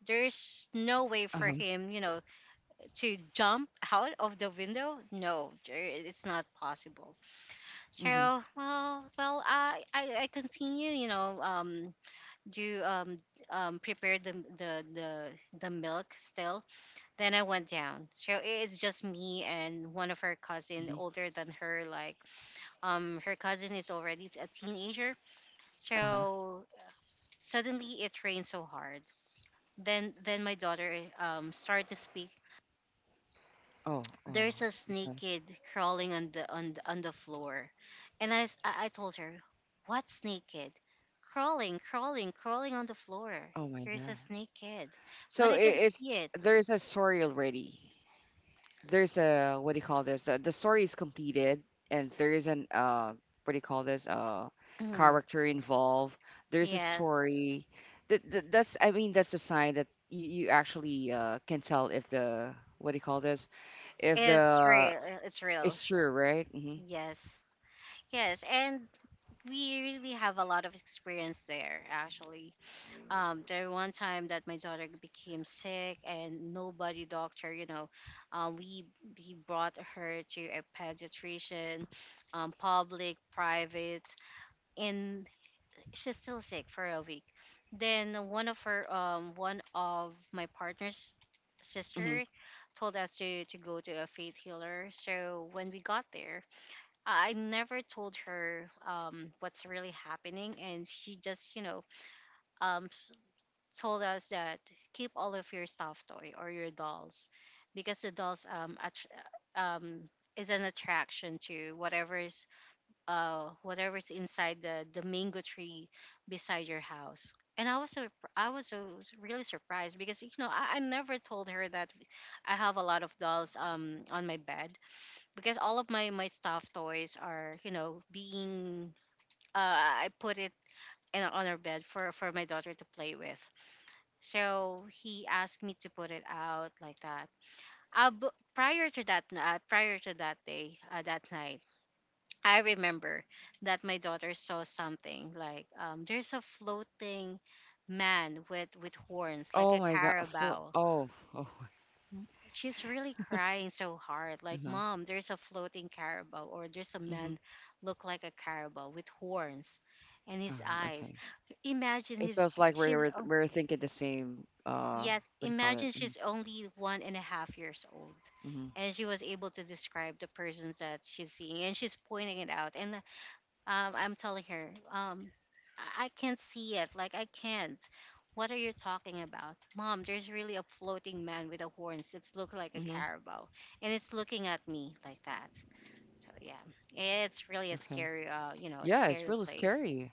[SPEAKER 1] There's no way for
[SPEAKER 2] Uh-huh.
[SPEAKER 1] him, you know, to jump out of the window. No, it's not possible.
[SPEAKER 2] Mm-hmm.
[SPEAKER 1] True. Well, I continue, you know, do prepare the the milk still. Then I went down. So it's just me and one of her cousin,
[SPEAKER 2] Mm-hmm.
[SPEAKER 1] older than her. Like, her cousin is already a teenager.
[SPEAKER 2] Uh-huh.
[SPEAKER 1] So suddenly it rained so hard. Then my daughter started to speak,
[SPEAKER 2] Oh, oh.
[SPEAKER 1] there's a snake,
[SPEAKER 2] Okay.
[SPEAKER 1] kid, crawling on on the floor. And I, s- I told her, what snake, kid? Crawling, crawling, crawling on the floor.
[SPEAKER 2] Oh my
[SPEAKER 1] There's
[SPEAKER 2] God.
[SPEAKER 1] a snake, kid, but
[SPEAKER 2] So I-
[SPEAKER 1] I can
[SPEAKER 2] it's
[SPEAKER 1] see it.
[SPEAKER 2] there's a story already. There's a, what do you call this? The story is completed, and there is an what do you call this?
[SPEAKER 1] Mm,
[SPEAKER 2] Character involved. There's a
[SPEAKER 1] yes,
[SPEAKER 2] story. That's, I mean, that's a sign that you actually can tell if the, what do you call this? If
[SPEAKER 1] it's
[SPEAKER 2] the
[SPEAKER 1] real, it's real.
[SPEAKER 2] it's true, right? Hmm.
[SPEAKER 1] Yes, yes, and we really have a lot of experience there actually. There one time that my daughter became sick and nobody doctor, you know. um, we we brought her to a pediatrician, public, private, and she's still sick for a week. Then one of her one of my partner's
[SPEAKER 2] Hmm.
[SPEAKER 1] sister told us to go to a faith healer. So when we got there, I never told her what's really happening, and she just, you know, um, told us that, keep all of your stuffed toy or your dolls, because the dolls attr is an attraction to whatever's inside the mango tree beside your house. And I was so, I was so really surprised because, you know, I never told her that I have a lot of dolls on my bed, because all of my stuffed toys are, you know, being I put it in on our bed for my daughter to play with. So he asked me to put it out like that. Prior to that day, that night, I remember that my daughter saw something like, there's a floating man with horns like
[SPEAKER 2] Oh
[SPEAKER 1] a
[SPEAKER 2] my God.
[SPEAKER 1] carabao.
[SPEAKER 2] Oh oh.
[SPEAKER 1] She's really crying so hard, like,
[SPEAKER 2] Uh-huh.
[SPEAKER 1] Mom, there's a floating carabao, or there's a
[SPEAKER 2] Mm-hmm.
[SPEAKER 1] man look like a carabao with horns, and
[SPEAKER 2] Oh,
[SPEAKER 1] his eyes,
[SPEAKER 2] okay.
[SPEAKER 1] imagine
[SPEAKER 2] It
[SPEAKER 1] his,
[SPEAKER 2] feels like we're
[SPEAKER 1] she's
[SPEAKER 2] we're we're thinking the same.
[SPEAKER 1] yes,
[SPEAKER 2] What do you call it?
[SPEAKER 1] imagine
[SPEAKER 2] Mm-hmm.
[SPEAKER 1] she's only 1.5 years old.
[SPEAKER 2] Mhm.
[SPEAKER 1] And she was able to describe the persons that she's seeing, and she's pointing it out. And I'm telling her, I can't see it. Like, I can't. What are you talking about, Mom? There's really a floating man with a horns. It's look like a
[SPEAKER 2] Mhm.
[SPEAKER 1] carabao, and it's looking at me like that. So yeah, it's really a
[SPEAKER 2] Okay.
[SPEAKER 1] scary, you know, a
[SPEAKER 2] Yeah, it's
[SPEAKER 1] scary
[SPEAKER 2] really
[SPEAKER 1] place.
[SPEAKER 2] scary.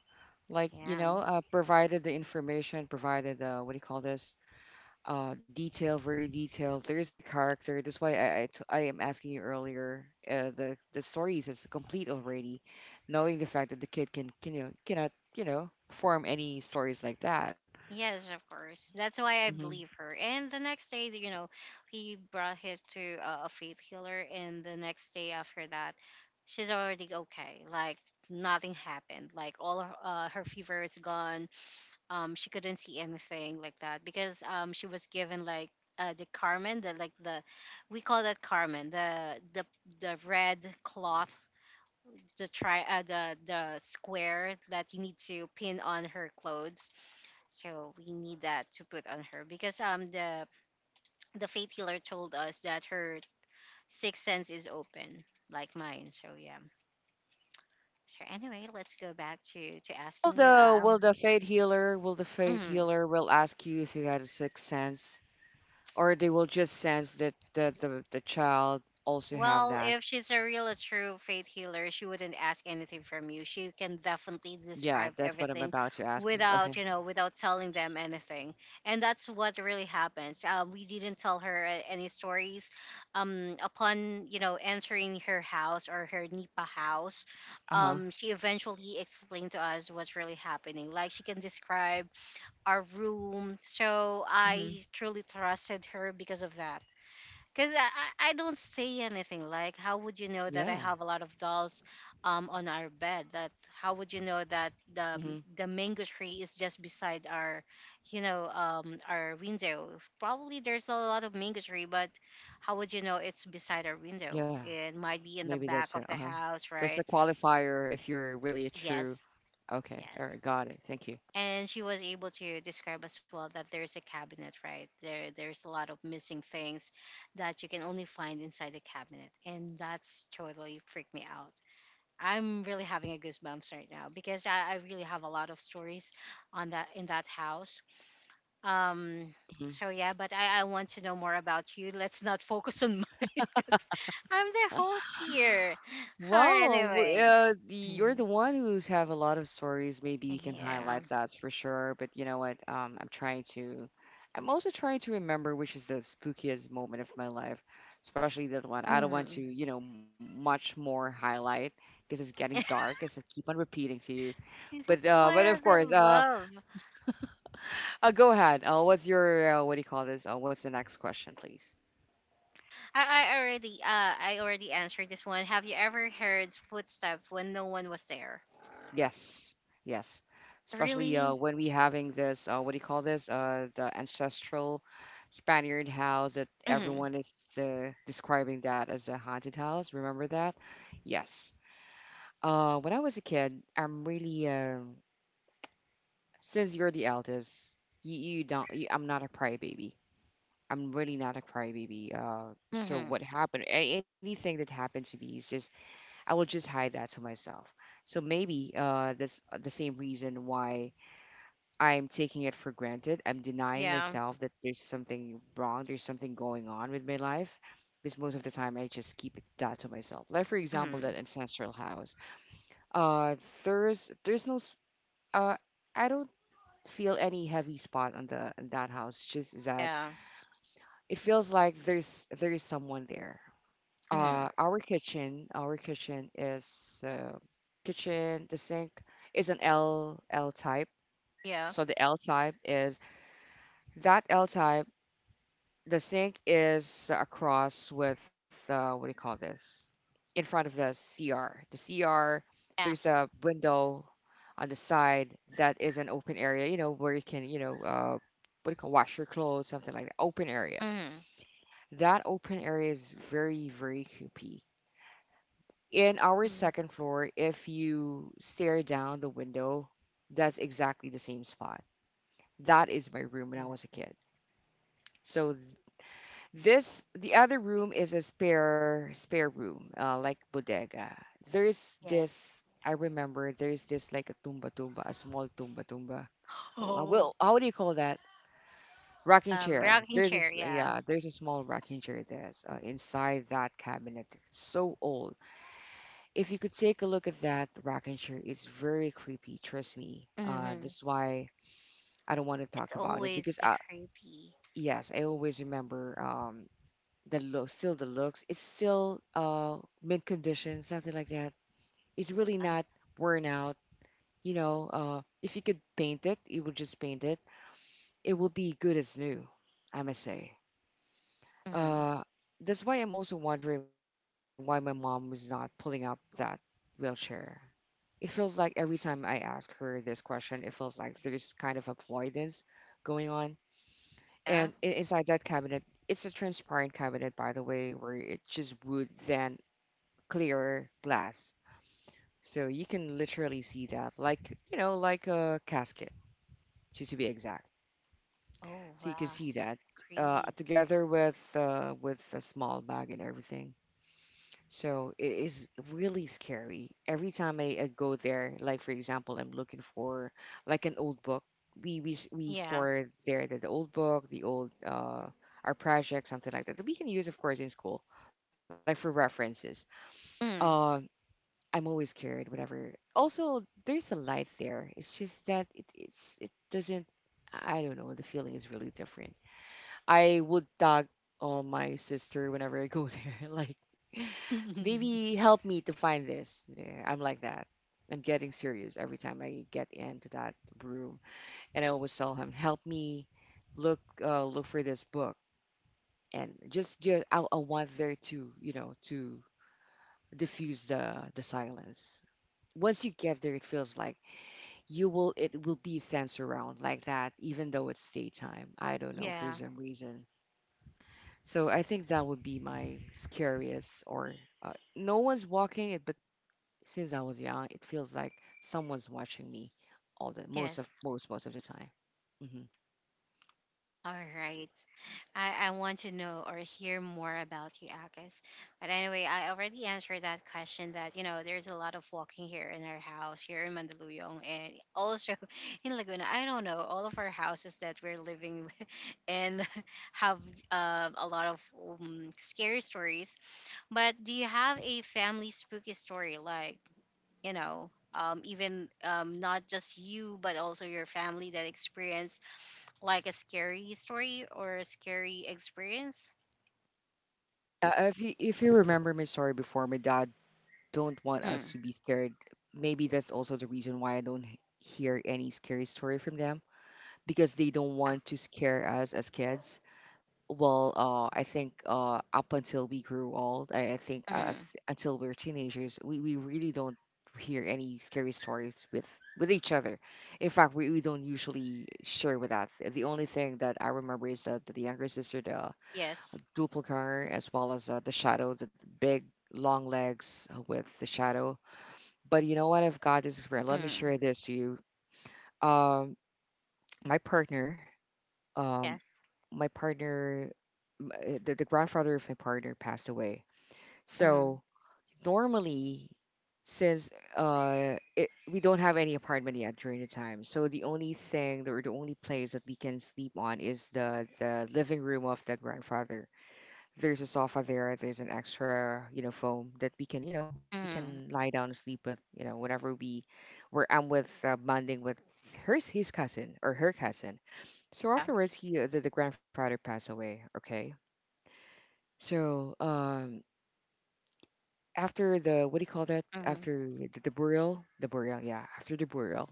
[SPEAKER 2] Like, you
[SPEAKER 1] Yeah.
[SPEAKER 2] know, provided the information, provided what do you call this? Detail, very detailed. There is a character. That's why I am asking you earlier. The story is complete already, knowing the fact that the kid can cannot form any stories like that.
[SPEAKER 1] Yes, of course. That's why I
[SPEAKER 2] Hmm.
[SPEAKER 1] believe her. And the next day, you know, he brought his to a faith healer, and the next day after that, she's already okay. Like, nothing happened. Like, all of, her fever is gone. She couldn't see anything like that because she was given like the carmen, the like the, we call that carmen, the red cloth. The square that you need to pin on her clothes, so we need that to put on her because the faith healer told us that her sixth sense is open like mine. So yeah. So anyway, let's go back to
[SPEAKER 2] Will
[SPEAKER 1] asking you.
[SPEAKER 2] the will the fate healer
[SPEAKER 1] Mm-hmm.
[SPEAKER 2] will ask you if you had a sixth sense, or they will just sense that the child also have
[SPEAKER 1] Well,
[SPEAKER 2] that?
[SPEAKER 1] if she's a real, a true faith healer, she wouldn't ask anything from you. She can definitely
[SPEAKER 2] Yeah,
[SPEAKER 1] describe
[SPEAKER 2] that's what I'm
[SPEAKER 1] everything
[SPEAKER 2] about to ask you. Okay.
[SPEAKER 1] without, you know, without telling them anything. And that's what really happens. We didn't tell her any stories. Upon, you know, entering her house or her Nipa house,
[SPEAKER 2] Uh-huh.
[SPEAKER 1] she eventually explained to us what's really happening. Like, she can describe our room. So I
[SPEAKER 2] Hmm.
[SPEAKER 1] truly trusted her because of that, because I don't say anything. Like, how would you know that I
[SPEAKER 2] Yeah.
[SPEAKER 1] have a lot of dolls on our bed? That How would you know that the
[SPEAKER 2] Hmm.
[SPEAKER 1] the mango tree is just beside our, you know, our window? Probably there's a lot of mango tree, but how would you know it's beside our window?
[SPEAKER 2] Yeah.
[SPEAKER 1] It might be in the
[SPEAKER 2] Maybe
[SPEAKER 1] back
[SPEAKER 2] that's
[SPEAKER 1] of
[SPEAKER 2] a
[SPEAKER 1] the
[SPEAKER 2] uh-huh,
[SPEAKER 1] house,
[SPEAKER 2] that's
[SPEAKER 1] right?
[SPEAKER 2] a qualifier if you're really a true.
[SPEAKER 1] Yes,
[SPEAKER 2] Okay. All
[SPEAKER 1] yes,
[SPEAKER 2] right. Got it. Thank you.
[SPEAKER 1] and she was able to describe as well that there's a cabinet right there, there's a lot of missing things that you can only find inside the cabinet, and that's totally freaked me out. I'm really having a goosebumps right now because I really have a lot of stories on that in that house. um so yeah, but I want to know more about you. Let's not focus on mine because I'm the host
[SPEAKER 2] Mhm.
[SPEAKER 1] here or
[SPEAKER 2] Wow,
[SPEAKER 1] anyway.
[SPEAKER 2] you're
[SPEAKER 1] Mhm.
[SPEAKER 2] the one who's have a lot of stories. Maybe we can
[SPEAKER 1] Yeah.
[SPEAKER 2] highlight that for sure. But you know what? I'm trying to. I'm also trying to remember which is the spookiest moment of my life, especially that one. I don't want to,
[SPEAKER 1] Mhm.
[SPEAKER 2] much more highlight, because it's getting dark, as I keep on repeating to you.
[SPEAKER 1] 'Cause
[SPEAKER 2] But
[SPEAKER 1] that's
[SPEAKER 2] of
[SPEAKER 1] where the
[SPEAKER 2] course,
[SPEAKER 1] love.
[SPEAKER 2] go ahead. What's your what do you call this? What's the next question, please?
[SPEAKER 1] I, I already answered this one. Have you ever heard footsteps when no one was there?
[SPEAKER 2] Yes, yes. Especially
[SPEAKER 1] Really?
[SPEAKER 2] when we having this, what do you call this? The ancestral Spaniard house that
[SPEAKER 1] Mhm.
[SPEAKER 2] everyone is describing that as a haunted house. Remember that? Yes. When I was a kid, I'm really since you're the eldest, you don't. I'm not a crybaby. I'm really not a crybaby. So
[SPEAKER 1] Mhm.
[SPEAKER 2] what happened? Anything that happened to me is just I will just hide that to myself. So maybe this the same reason why I'm taking it for granted. I'm denying
[SPEAKER 1] Yeah.
[SPEAKER 2] myself that there's something wrong, there's something going on with my life. Because most of the time, I just keep it that to myself. Like for example, that
[SPEAKER 1] Mhm.
[SPEAKER 2] ancestral house. Uh, there's no. Uh, I don't feel any heavy spot on the on that house. Just that
[SPEAKER 1] Yeah.
[SPEAKER 2] it feels like there is someone there. Uh,
[SPEAKER 1] Mhm.
[SPEAKER 2] our kitchen, our kitchen is kitchen. The sink is an L type.
[SPEAKER 1] Yeah.
[SPEAKER 2] So the L type is that L type. The sink is across with what do you call this? In front of the CR. The CR,
[SPEAKER 1] Yeah.
[SPEAKER 2] there's a window on the side that is an open area, where you can, what do you call wash your clothes, something like that. Open area.
[SPEAKER 1] Mhm.
[SPEAKER 2] That open area is very, very creepy. In our
[SPEAKER 1] Mhm.
[SPEAKER 2] second floor, if you stare down the window, that's exactly the same spot. That is my room when I
[SPEAKER 1] Mhm.
[SPEAKER 2] was a kid. So, this, the other room is a spare room, like bodega. There's
[SPEAKER 1] Yes.
[SPEAKER 2] this I remember there's this like a tumba tumba, a small tumba tumba.
[SPEAKER 1] Oh.
[SPEAKER 2] Well, how do you call that? Rocking chair.
[SPEAKER 1] Rocking chair. Yeah.
[SPEAKER 2] Yeah, there's a small rocking chair that's inside that cabinet. It's so old. If you could take a look at that rocking chair, it's very creepy. Trust me.
[SPEAKER 1] Mhm.
[SPEAKER 2] That's why I don't want to
[SPEAKER 1] It's
[SPEAKER 2] talk about it
[SPEAKER 1] always
[SPEAKER 2] because
[SPEAKER 1] the
[SPEAKER 2] I,
[SPEAKER 1] creepy.
[SPEAKER 2] yes, I always remember. The look, still the looks. It's still mint condition, something like that. It's really
[SPEAKER 1] Um,
[SPEAKER 2] not worn out. You know, if you could paint it, you would just paint it. It will be good as new, I must say.
[SPEAKER 1] mhm.
[SPEAKER 2] Uh, that's why I'm also wondering why my mom was not pulling up that wheelchair. It feels like every time I ask her this question, it feels like there's kind of avoidance going on. And
[SPEAKER 1] Yeah.
[SPEAKER 2] inside that cabinet, it's a transparent cabinet, by the way, where it's just wood then clear glass. So you can literally see that, like, you know, like a casket, to be exact.
[SPEAKER 1] Oh,
[SPEAKER 2] So you can
[SPEAKER 1] wow.
[SPEAKER 2] see that
[SPEAKER 1] It's creepy.
[SPEAKER 2] together with a small bag and everything. So it is really scary. Every time I go there, like for example, I'm looking for like an old book. We
[SPEAKER 1] Yeah.
[SPEAKER 2] store there the old book, the old our project, something like that that we can use, of course, in school, like for references.
[SPEAKER 1] Mm.
[SPEAKER 2] Um, I'm always scared, whatever. Also, there's a light there. It's just that it doesn't. I don't know. The feeling is really different. I would tag on my sister whenever I go there. Like, maybe help me to find this. Yeah, I'm like that. I'm getting serious every time I get into that room, and I always tell him, help me look for this book, and just I want there to you know to diffuse the silence. Once you get there, it feels like you will it will be sense around like that, even though it's daytime. I don't know, for
[SPEAKER 1] Yeah.
[SPEAKER 2] some reason. So I think that would be my scariest. Or no one's walking it, but since I was young, it feels like someone's watching me all the most of
[SPEAKER 1] Yes.
[SPEAKER 2] most of the time. Hmm.
[SPEAKER 1] All right. I want to know or hear more about you, Akis. But anyway, I already answered that question that, you know, there's a lot of walking here in our house, here in Mandaluyong, and also in Laguna. I don't know, all of our houses that we're living in have a lot of scary stories. But do you have a family spooky story? Like, you know, even not just you, but also your family that experienced like a scary story or a scary experience?
[SPEAKER 2] Yeah, if you remember my story before, my dad don't want us
[SPEAKER 1] Mm.
[SPEAKER 2] to be scared. Maybe that's also the reason why I don't hear any scary story from them, because they don't
[SPEAKER 1] Ah,
[SPEAKER 2] want to scare us as kids. Well, I think up until we grew old, I, I think uh,
[SPEAKER 1] Mm.
[SPEAKER 2] th- until we're teenagers, we really don't hear any scary stories with each other. In fact, we don't usually share with that. The only thing that I remember is that the younger sister, the
[SPEAKER 1] Yes.
[SPEAKER 2] doppelganger, as well as the shadow, the big long legs with the shadow. But you know what? I've got this experience. Let me
[SPEAKER 1] Mm.
[SPEAKER 2] share this to you. Um, my partner um,
[SPEAKER 1] Yes.
[SPEAKER 2] my partner, the grandfather of my partner passed away.
[SPEAKER 1] Mm.
[SPEAKER 2] So normally, since we don't have any apartment yet during the time, so the only thing that- or the only place that we can sleep on is the living room of the grandfather. There's a sofa there. There's an extra foam that we can
[SPEAKER 1] Mm.
[SPEAKER 2] lie down and sleep with, whenever we, where I'm with bonding with her, his cousin or her cousin. So
[SPEAKER 1] Yeah.
[SPEAKER 2] afterwards, the grandfather passed away. Okay. So after the, what do you call that?
[SPEAKER 1] Mm.
[SPEAKER 2] After the burial, the burial, yeah. After the burial.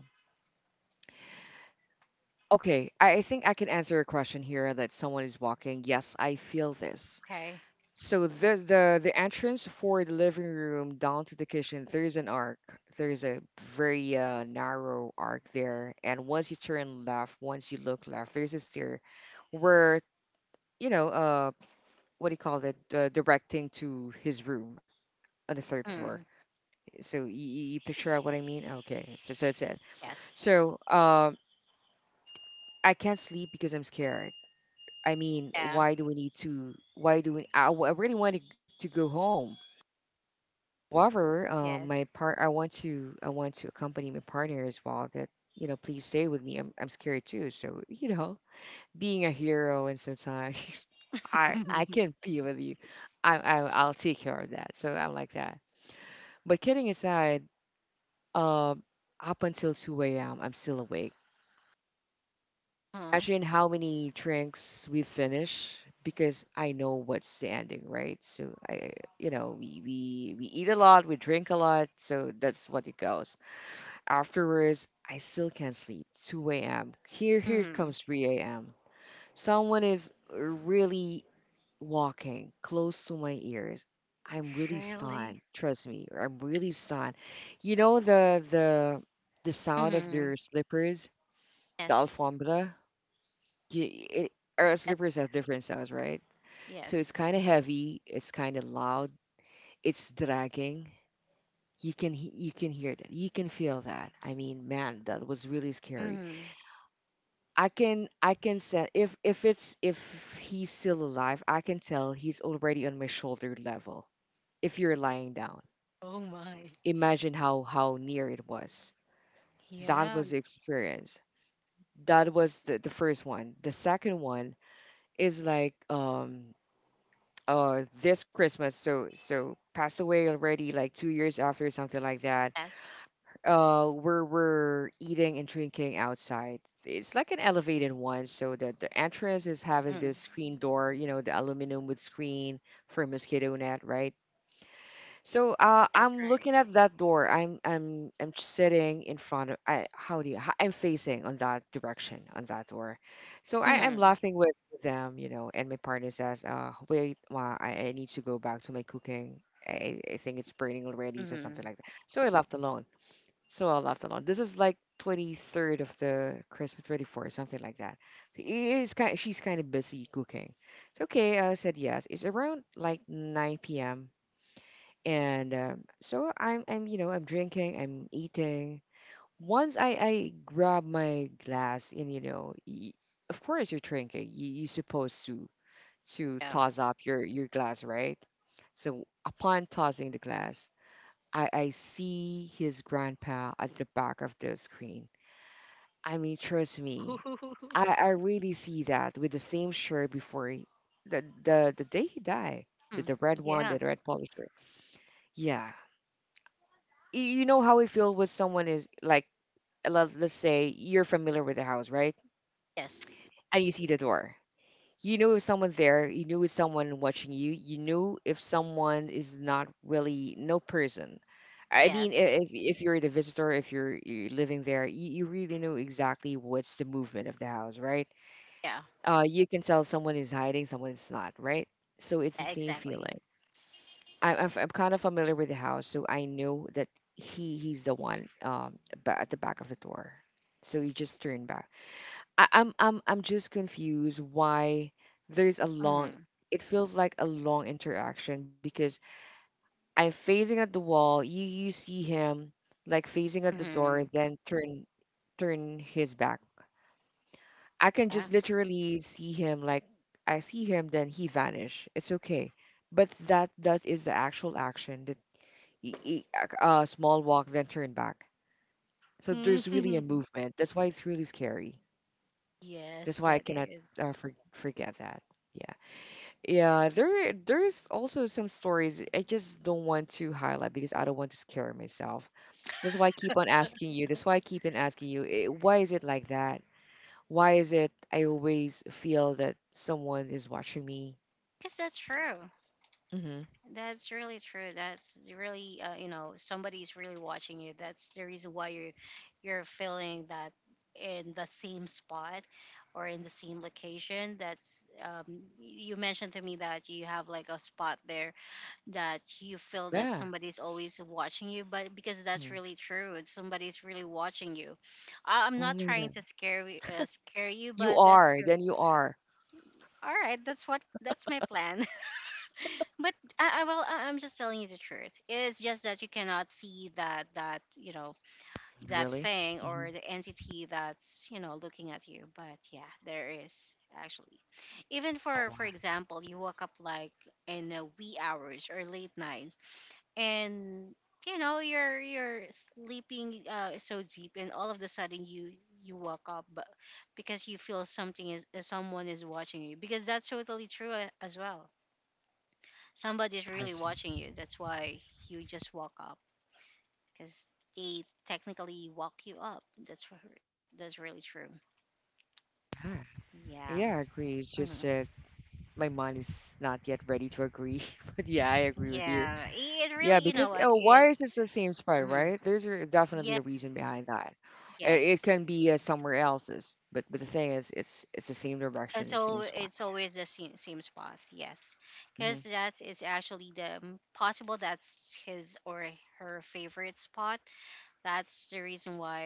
[SPEAKER 2] Okay, I think I can answer a question here that someone is walking. Yes, I feel this.
[SPEAKER 1] Okay.
[SPEAKER 2] So the entrance for the living room down to the kitchen, there is an arc. There is a very narrow arc there, and once you turn left, once you look left, there's a stair where, you know uh, what do you call it, directing to his room on the third floor.
[SPEAKER 1] Mm.
[SPEAKER 2] So you picture out what I mean? Okay, so that's it.
[SPEAKER 1] Yes.
[SPEAKER 2] So I can't sleep because I'm scared. I mean,
[SPEAKER 1] Yeah.
[SPEAKER 2] why do we need to? Why do we? I really wanted to go home. However,
[SPEAKER 1] Yes.
[SPEAKER 2] I want to accompany my partner as well. That, please stay with me. I'm scared too. So, being a hero and sometimes I can be with you. I'll take care of that. So I'm like that. But kidding aside, uh, up until 2 a.m., I'm still awake.
[SPEAKER 1] Huh.
[SPEAKER 2] Imagine how many drinks we finish, because I know what's the ending, right? So, we eat a lot, we drink a lot, so that's what it goes. Afterwards, I still can't sleep. 2 a.m. Here
[SPEAKER 1] Mm.
[SPEAKER 2] comes 3 a.m. Someone is really walking close to my ears. I'm really stunned.
[SPEAKER 1] Really?
[SPEAKER 2] Trust me, I'm really stunned. You know the sound of
[SPEAKER 1] Mm.
[SPEAKER 2] their slippers, the
[SPEAKER 1] Yes.
[SPEAKER 2] alfombra. You, it, our
[SPEAKER 1] Yes.
[SPEAKER 2] slippers have different sounds, right? So
[SPEAKER 1] Yes.
[SPEAKER 2] it's kind of heavy. It's kind of loud. It's dragging. You can hear that. You can feel that. I mean, man, that was really scary.
[SPEAKER 1] Mm.
[SPEAKER 2] I can say, if he's still alive, I can tell he's already on my shoulder level. If you're lying down,
[SPEAKER 1] Oh my.
[SPEAKER 2] imagine how near it was. That
[SPEAKER 1] Yeah.
[SPEAKER 2] was the experience. That was the first one. The second one is like, this Christmas. So passed away already like 2 years after, or something like that.
[SPEAKER 1] Yes.
[SPEAKER 2] We're eating and drinking outside. It's like an elevated one, so that the entrance is having this
[SPEAKER 1] Mm.
[SPEAKER 2] screen door, the aluminum with screen for mosquito net, right? So
[SPEAKER 1] That's
[SPEAKER 2] I'm
[SPEAKER 1] right.
[SPEAKER 2] looking at that door, I'm sitting in front of, I how do you how, I'm facing on that direction, on that door. So I am
[SPEAKER 1] Mm.
[SPEAKER 2] laughing with them, and my partner says, wait, ma, I need to go back to my cooking. I think it's burning already, so something like
[SPEAKER 1] Mm.
[SPEAKER 2] that. So i left alone so I left alone. This is like 23rd of the Christmas, 24th, something like that. She's kind of busy cooking. It's okay. I said yes. It's around like 9 p.m. And so I'm drinking, I'm eating. Once I grab my glass and, you know, y of course you're drinking. You're supposed to
[SPEAKER 1] Yeah.
[SPEAKER 2] toss up your glass, right? So upon tossing the glass, I see his grandpa at the back of the screen. I mean, trust me, I, I really see that with the same shirt before, the day he died, the,
[SPEAKER 1] Mm.
[SPEAKER 2] the red one,
[SPEAKER 1] Yeah.
[SPEAKER 2] the red polo shirt. Yeah, you know how it feels when someone is like, let's say you're familiar with the house, right?
[SPEAKER 1] Yes.
[SPEAKER 2] And you see the door. You know if someone there, you knew if someone watching you, you knew if someone is not really no person. I
[SPEAKER 1] Yes.
[SPEAKER 2] mean, if you're the visitor, if you're living there, you really know exactly what's the movement of the house, right?
[SPEAKER 1] Yeah.
[SPEAKER 2] You can tell someone is hiding, someone is not, right? So it's the same
[SPEAKER 1] Exactly.
[SPEAKER 2] feeling. I'm kind of familiar with the house, so I know that he's the one, at the back of the door. So you just turn back. I, I'm just confused why there's a long.
[SPEAKER 1] Mm.
[SPEAKER 2] It feels like a long interaction because I'm facing at the wall. You see him, like facing at the door,
[SPEAKER 1] Hmm.
[SPEAKER 2] then turn his back. I can
[SPEAKER 1] Yeah.
[SPEAKER 2] just literally see him, like, I see him, then he vanish. It's okay, but that is the actual action that, y- y- a small walk then turn back. So
[SPEAKER 1] Hmm.
[SPEAKER 2] there's really a movement. That's why it's really scary.
[SPEAKER 1] Yes,
[SPEAKER 2] That's why I
[SPEAKER 1] that
[SPEAKER 2] cannot,
[SPEAKER 1] is.
[SPEAKER 2] forget that. Yeah, yeah. There is also some stories I just don't want to highlight because I don't want to scare myself. That's why I keep on asking you. That's why I keep on asking you. Why is it like that? Why is it I always feel that someone is watching me?
[SPEAKER 1] Yes, that's true.
[SPEAKER 2] Mm-hmm.
[SPEAKER 1] That's really true. That's really, you know, somebody's really watching you. That's the reason why you're feeling that in the same spot or in the same location. That's you mentioned to me that you have like a spot there that you feel that
[SPEAKER 2] Yeah.
[SPEAKER 1] somebody's always watching you. But because that's
[SPEAKER 2] Mm.
[SPEAKER 1] really true, it's somebody's really watching you. I'm
[SPEAKER 2] Oh
[SPEAKER 1] not
[SPEAKER 2] my
[SPEAKER 1] trying
[SPEAKER 2] God.
[SPEAKER 1] to scare scare you,
[SPEAKER 2] You
[SPEAKER 1] but that's
[SPEAKER 2] are.
[SPEAKER 1] true.
[SPEAKER 2] Then you are.
[SPEAKER 1] All right, that's my plan. But I'm just telling you the truth. It's just that you cannot see that, that, you know, that
[SPEAKER 2] Really?
[SPEAKER 1] thing or
[SPEAKER 2] Mm-hmm.
[SPEAKER 1] the entity that's, you know, looking at you. But yeah, there is actually. Even for
[SPEAKER 2] Oh,
[SPEAKER 1] for
[SPEAKER 2] wow.
[SPEAKER 1] example, you woke up like in a wee hours or late night, and you know you're sleeping so deep, and all of the sudden you wake up but because you feel something is someone is watching you, because that's totally true as well, somebody's
[SPEAKER 2] I
[SPEAKER 1] really
[SPEAKER 2] see.
[SPEAKER 1] watching you. That's why you just walk up because they technically walk you up. That's really true.
[SPEAKER 2] Yeah.
[SPEAKER 1] Yeah.
[SPEAKER 2] Yeah, I agree. It's
[SPEAKER 1] Hmm.
[SPEAKER 2] just that my mind is not yet ready to agree. But yeah, I agree with you.
[SPEAKER 1] yeah it
[SPEAKER 2] Yeah,
[SPEAKER 1] really you know
[SPEAKER 2] because,
[SPEAKER 1] what
[SPEAKER 2] oh,
[SPEAKER 1] it
[SPEAKER 2] why is it the same spot,
[SPEAKER 1] Mhm.
[SPEAKER 2] right? Definitely
[SPEAKER 1] Yeah.
[SPEAKER 2] a reason behind that. It
[SPEAKER 1] Yes.
[SPEAKER 2] can be somewhere else's, but the thing is, it's the same direction, the
[SPEAKER 1] So
[SPEAKER 2] same spot.
[SPEAKER 1] it's always the same, same spot, yes, because
[SPEAKER 2] Hmm.
[SPEAKER 1] that is actually possible that's his or her favorite spot. That's the reason why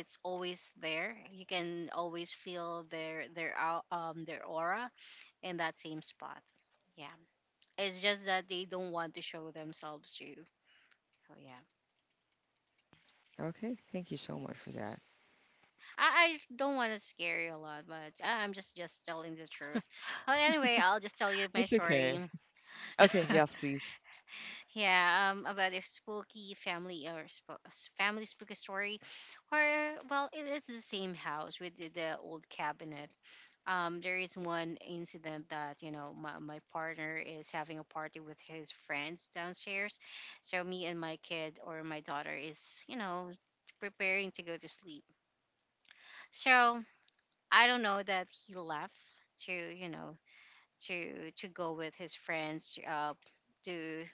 [SPEAKER 1] it's always there. You can always feel their their aura in that same spot. Yeah, it's just that they don't want to show themselves to you. Oh yeah,
[SPEAKER 2] Okay, thank you so much for that.
[SPEAKER 1] I don't want to scare you a lot, but I'm just telling the truth. Well, anyway, I'll just tell you my
[SPEAKER 2] It's okay.
[SPEAKER 1] story.
[SPEAKER 2] Okay, yeah, please.
[SPEAKER 1] Yeah, about a spooky family or family spooky story, or well, it is the same house with the old cabinet. There is one incident that my partner is having a party with his friends downstairs, so me and my kid or my daughter is preparing to go to sleep. So I don't know that he left to to go with his friends to,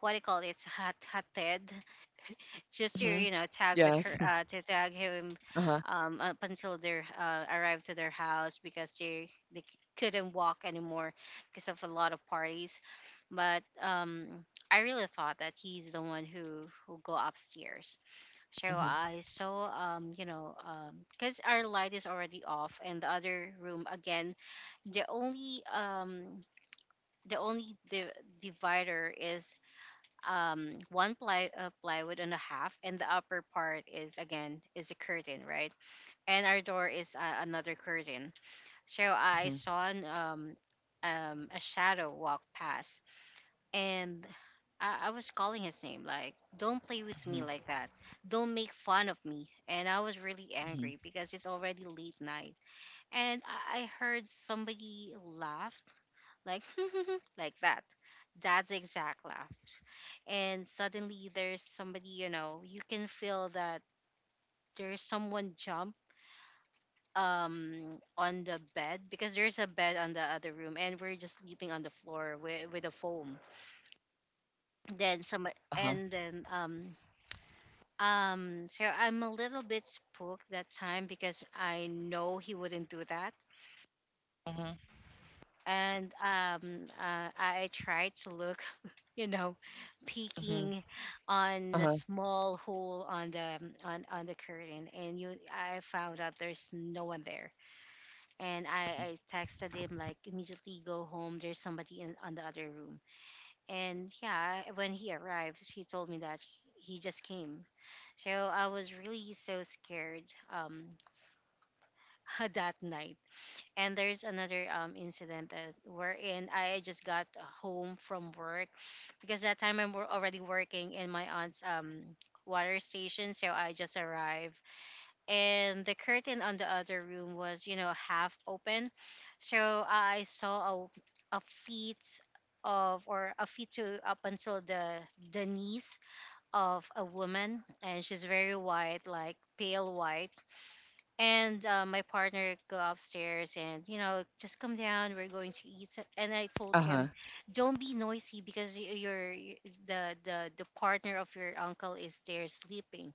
[SPEAKER 1] what do you call it? It's hot hated, just to
[SPEAKER 2] Mm-hmm.
[SPEAKER 1] tag with her,
[SPEAKER 2] Yes.
[SPEAKER 1] to tag him
[SPEAKER 2] Uh-huh.
[SPEAKER 1] up until they arrived to their house because they couldn't walk anymore because of a lot of parties, but I really thought that he's the one who go upstairs. So
[SPEAKER 2] Mm-hmm.
[SPEAKER 1] I saw, because our light is already off, and the other room again, the only the only the divider is one ply of plywood and a half, and the upper part is again is a curtain, right? And our door is another curtain. So I
[SPEAKER 2] Mm-hmm.
[SPEAKER 1] saw an, um, a shadow walk past. And I was calling his name like, don't play with me
[SPEAKER 2] Mm-hmm.
[SPEAKER 1] like that, don't make fun of me. And I was really
[SPEAKER 2] Mm-hmm.
[SPEAKER 1] angry because it's already late night. And I heard somebody laugh, like like that. That's exact laugh. And suddenly there's somebody, you can feel that there's someone jump um on the bed, because there's a bed on the other room and we're just sleeping on the floor with a foam. Then some
[SPEAKER 2] Uh-huh.
[SPEAKER 1] and then So I'm a little bit spooked that time because I know he wouldn't do that.
[SPEAKER 2] Mm-hmm.
[SPEAKER 1] And I try to look, you know,
[SPEAKER 2] Mm-hmm.
[SPEAKER 1] peeking on the
[SPEAKER 2] Uh-huh.
[SPEAKER 1] small hole on the, on the curtain, and I found out there's no one there. And I texted him like, immediately go home. There's somebody in on the other room. And yeah, when he arrives, he told me that he just came. So I was really so scared, um, that night. And there's another incident that, wherein I just got home from work, because that time I'm already working in my aunt's, water station. So I just arrived, and the curtain on the other room was, you know, half open. So I saw a feet of, or a feet to up until the knees of a woman, and she's very white, like pale white. And my partner go upstairs, and, you know, just come down, we're going to eat. And I told
[SPEAKER 2] Uh-huh.
[SPEAKER 1] him, don't be noisy, because y- your y- the partner of your uncle is there sleeping.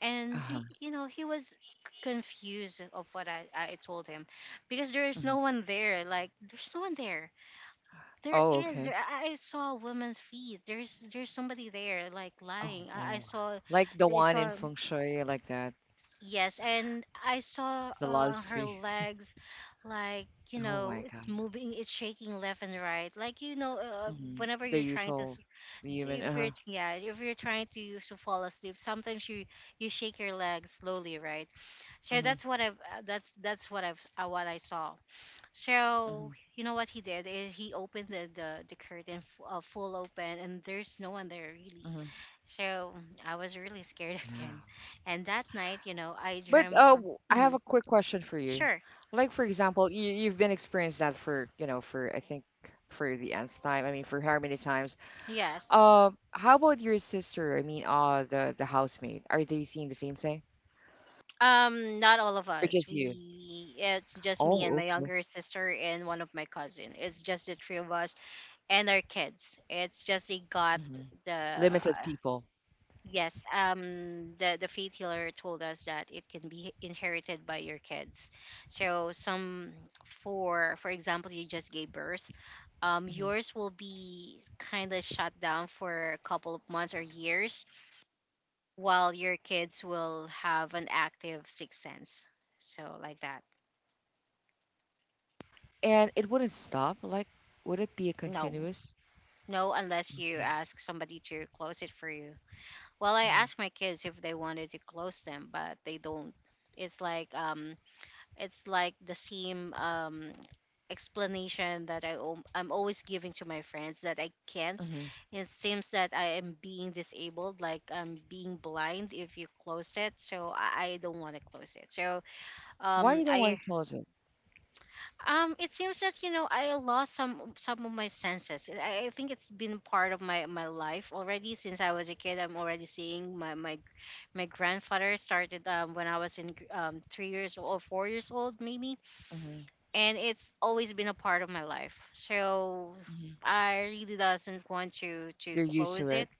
[SPEAKER 1] And
[SPEAKER 2] Uh-huh.
[SPEAKER 1] he, you know, he was confused of what I told him, because there is
[SPEAKER 2] Mm-hmm.
[SPEAKER 1] no one there, like there's no one there. there
[SPEAKER 2] Oh, okay.
[SPEAKER 1] I saw a woman's feet. There's somebody there, like
[SPEAKER 2] Oh, oh.
[SPEAKER 1] lying.
[SPEAKER 2] Wow.
[SPEAKER 1] I saw,
[SPEAKER 2] Like the
[SPEAKER 1] i
[SPEAKER 2] one in
[SPEAKER 1] saw
[SPEAKER 2] Feng Shui, like that.
[SPEAKER 1] yes, and I saw,
[SPEAKER 2] The love
[SPEAKER 1] her
[SPEAKER 2] suite.
[SPEAKER 1] legs, like, you
[SPEAKER 2] Oh
[SPEAKER 1] know,
[SPEAKER 2] my
[SPEAKER 1] it's
[SPEAKER 2] God.
[SPEAKER 1] moving, it's shaking left and right. Like, you know,
[SPEAKER 2] Mm-hmm.
[SPEAKER 1] whenever you're
[SPEAKER 2] The
[SPEAKER 1] trying to,
[SPEAKER 2] usual human.
[SPEAKER 1] if
[SPEAKER 2] Uh-huh.
[SPEAKER 1] you're, yeah, if you're trying to fall asleep, sometimes you shake your legs slowly, right? So that's
[SPEAKER 2] Mm-hmm.
[SPEAKER 1] what I've, that's what I've, what I saw. So,
[SPEAKER 2] Mm-hmm.
[SPEAKER 1] you know what he did is he opened the, the curtain, full open, and there's no one
[SPEAKER 2] Mm-hmm.
[SPEAKER 1] there really. So I was really
[SPEAKER 2] Yeah.
[SPEAKER 1] scared, again. And that night, you
[SPEAKER 2] But
[SPEAKER 1] know, I
[SPEAKER 2] I
[SPEAKER 1] dream.
[SPEAKER 2] have a quick
[SPEAKER 1] Mhm,
[SPEAKER 2] question for you.
[SPEAKER 1] sure.
[SPEAKER 2] Like for example, you've been experienced that for, for I think for the nth time. I mean, for how many times?
[SPEAKER 1] Yes.
[SPEAKER 2] How about your sister? I mean, the housemate. Are they seeing the same thing?
[SPEAKER 1] Not all of
[SPEAKER 2] Or
[SPEAKER 1] us.
[SPEAKER 2] just you?
[SPEAKER 1] We it's just me and my
[SPEAKER 2] Oh,
[SPEAKER 1] younger
[SPEAKER 2] okay.
[SPEAKER 1] sister and one of my cousin. It's just the three of us and our kids. It's just they got
[SPEAKER 2] Hmm.
[SPEAKER 1] the,
[SPEAKER 2] Limited people.
[SPEAKER 1] yes, the faith healer told us that it can be inherited by your kids. So some, for example, you just gave birth,
[SPEAKER 2] Hmm.
[SPEAKER 1] yours will be kind of shut down for a couple of months or years, while your kids will have an active sixth sense. So like that.
[SPEAKER 2] And it wouldn't stop. Like, would it be a
[SPEAKER 1] No.
[SPEAKER 2] continuous?
[SPEAKER 1] No, unless you
[SPEAKER 2] Okay.
[SPEAKER 1] ask somebody to close it for you. Well, I
[SPEAKER 2] Mm-hmm.
[SPEAKER 1] asked my kids if they wanted to close them, but they don't. It's like, it's like the same, explanation that I'm always giving to my friends, that I can't.
[SPEAKER 2] Hmm.
[SPEAKER 1] It seems that I am being disabled, like I'm being blind if you close it. So I don't want to close it. So
[SPEAKER 2] Why you don't want to
[SPEAKER 1] I,
[SPEAKER 2] close it?
[SPEAKER 1] it seems that, you know, I lost some of my senses. I think it's been part of my life already since I was a kid. I'm already seeing my grandfather, started when I was in 3 years old or 4 years old maybe.
[SPEAKER 2] Hmm.
[SPEAKER 1] And it's always been a part of my life. So
[SPEAKER 2] Hmm.
[SPEAKER 1] I really doesn't want to
[SPEAKER 2] You're used to
[SPEAKER 1] close
[SPEAKER 2] it.
[SPEAKER 1] it.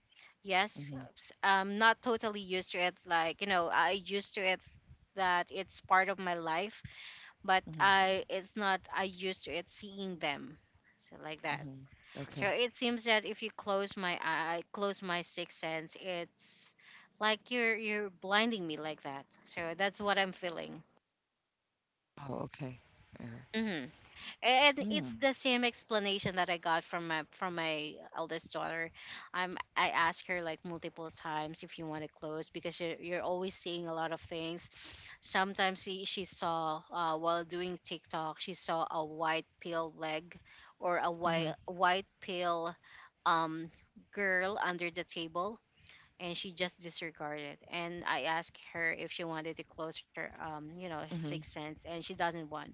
[SPEAKER 2] Hmm.
[SPEAKER 1] Yes, I'm not totally used to it. Like, you know, I used to it that it's part of my life, but
[SPEAKER 2] Hmm.
[SPEAKER 1] I it's not. I used to it seeing them. So like that.
[SPEAKER 2] Hmm. Okay.
[SPEAKER 1] So it seems that if you close my eye, close my sixth sense, it's like you're blinding me like that. So that's what I'm feeling.
[SPEAKER 2] Oh, okay. All right.
[SPEAKER 1] Mhm. And
[SPEAKER 2] Hmm.
[SPEAKER 1] it's the same explanation that I got from my eldest daughter. I asked her like multiple times if you want to close, because you're always seeing a lot of things. Sometimes she saw, while doing TikTok, she saw a white pale leg, or a
[SPEAKER 2] Hmm.
[SPEAKER 1] white pale, um girl under the table, and she just disregarded it. And I asked her if she wanted to close her, sixth
[SPEAKER 2] Hmm.
[SPEAKER 1] sense, and she doesn't want.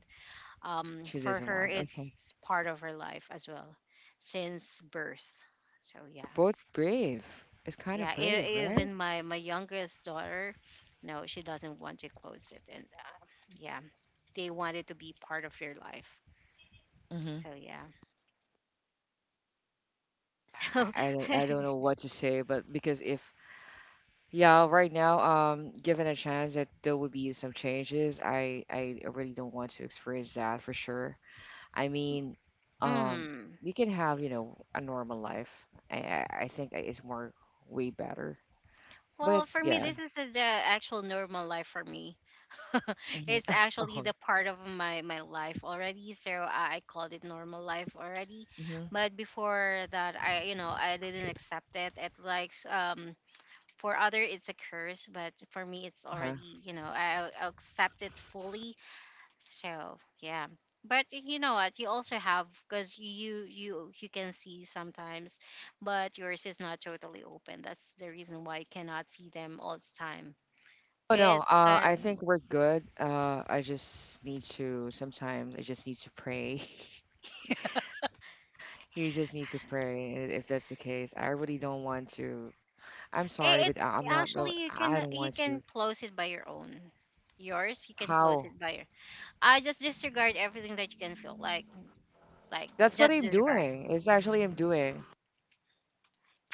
[SPEAKER 2] She
[SPEAKER 1] For
[SPEAKER 2] doesn't
[SPEAKER 1] her,
[SPEAKER 2] want. Okay.
[SPEAKER 1] it's part of her life as well, since birth. So yeah,
[SPEAKER 2] Both brave. It's kind of
[SPEAKER 1] yeah.
[SPEAKER 2] brave, right?
[SPEAKER 1] Even my youngest daughter, no, she doesn't want to close it. And yeah, they want it to be part of your life.
[SPEAKER 2] Hmm.
[SPEAKER 1] So yeah, so.
[SPEAKER 2] I, I don't I don't know what to say, but because, if yeah, right now, given a chance that there would be some changes, I really don't want to experience that for sure. I mean, um,
[SPEAKER 1] Mm.
[SPEAKER 2] you can have, a normal life. I think it's more way better. But
[SPEAKER 1] Well, for me,
[SPEAKER 2] yeah.
[SPEAKER 1] this is the actual normal life for me.
[SPEAKER 2] Hmm.
[SPEAKER 1] It's actually
[SPEAKER 2] Oh.
[SPEAKER 1] the part of my life already, so I called it normal life already.
[SPEAKER 2] Hmm.
[SPEAKER 1] But before that, I you know, I didn't accept it. It likes, for other it's a curse, but for me it's
[SPEAKER 2] Uh-huh.
[SPEAKER 1] already, you know, I accept it fully. So yeah. But you know what, you also have, because you can see sometimes, but yours is not totally open. That's the reason why you cannot see them all the time.
[SPEAKER 2] Oh no.
[SPEAKER 1] It's kind
[SPEAKER 2] I
[SPEAKER 1] of,
[SPEAKER 2] think we're good. I just need to, sometimes I just need to pray. You just need to pray, if that's the case. I really don't want to. I'm sorry, but I-
[SPEAKER 1] It's
[SPEAKER 2] I'm not really.
[SPEAKER 1] actually,
[SPEAKER 2] I don't want
[SPEAKER 1] you
[SPEAKER 2] to.
[SPEAKER 1] can close it by your own. Yours, you can close
[SPEAKER 2] How?
[SPEAKER 1] it by your. I just disregard everything that you can feel, like,
[SPEAKER 2] That's what
[SPEAKER 1] just
[SPEAKER 2] I'm
[SPEAKER 1] disregard.
[SPEAKER 2] doing. It's actually I'm doing.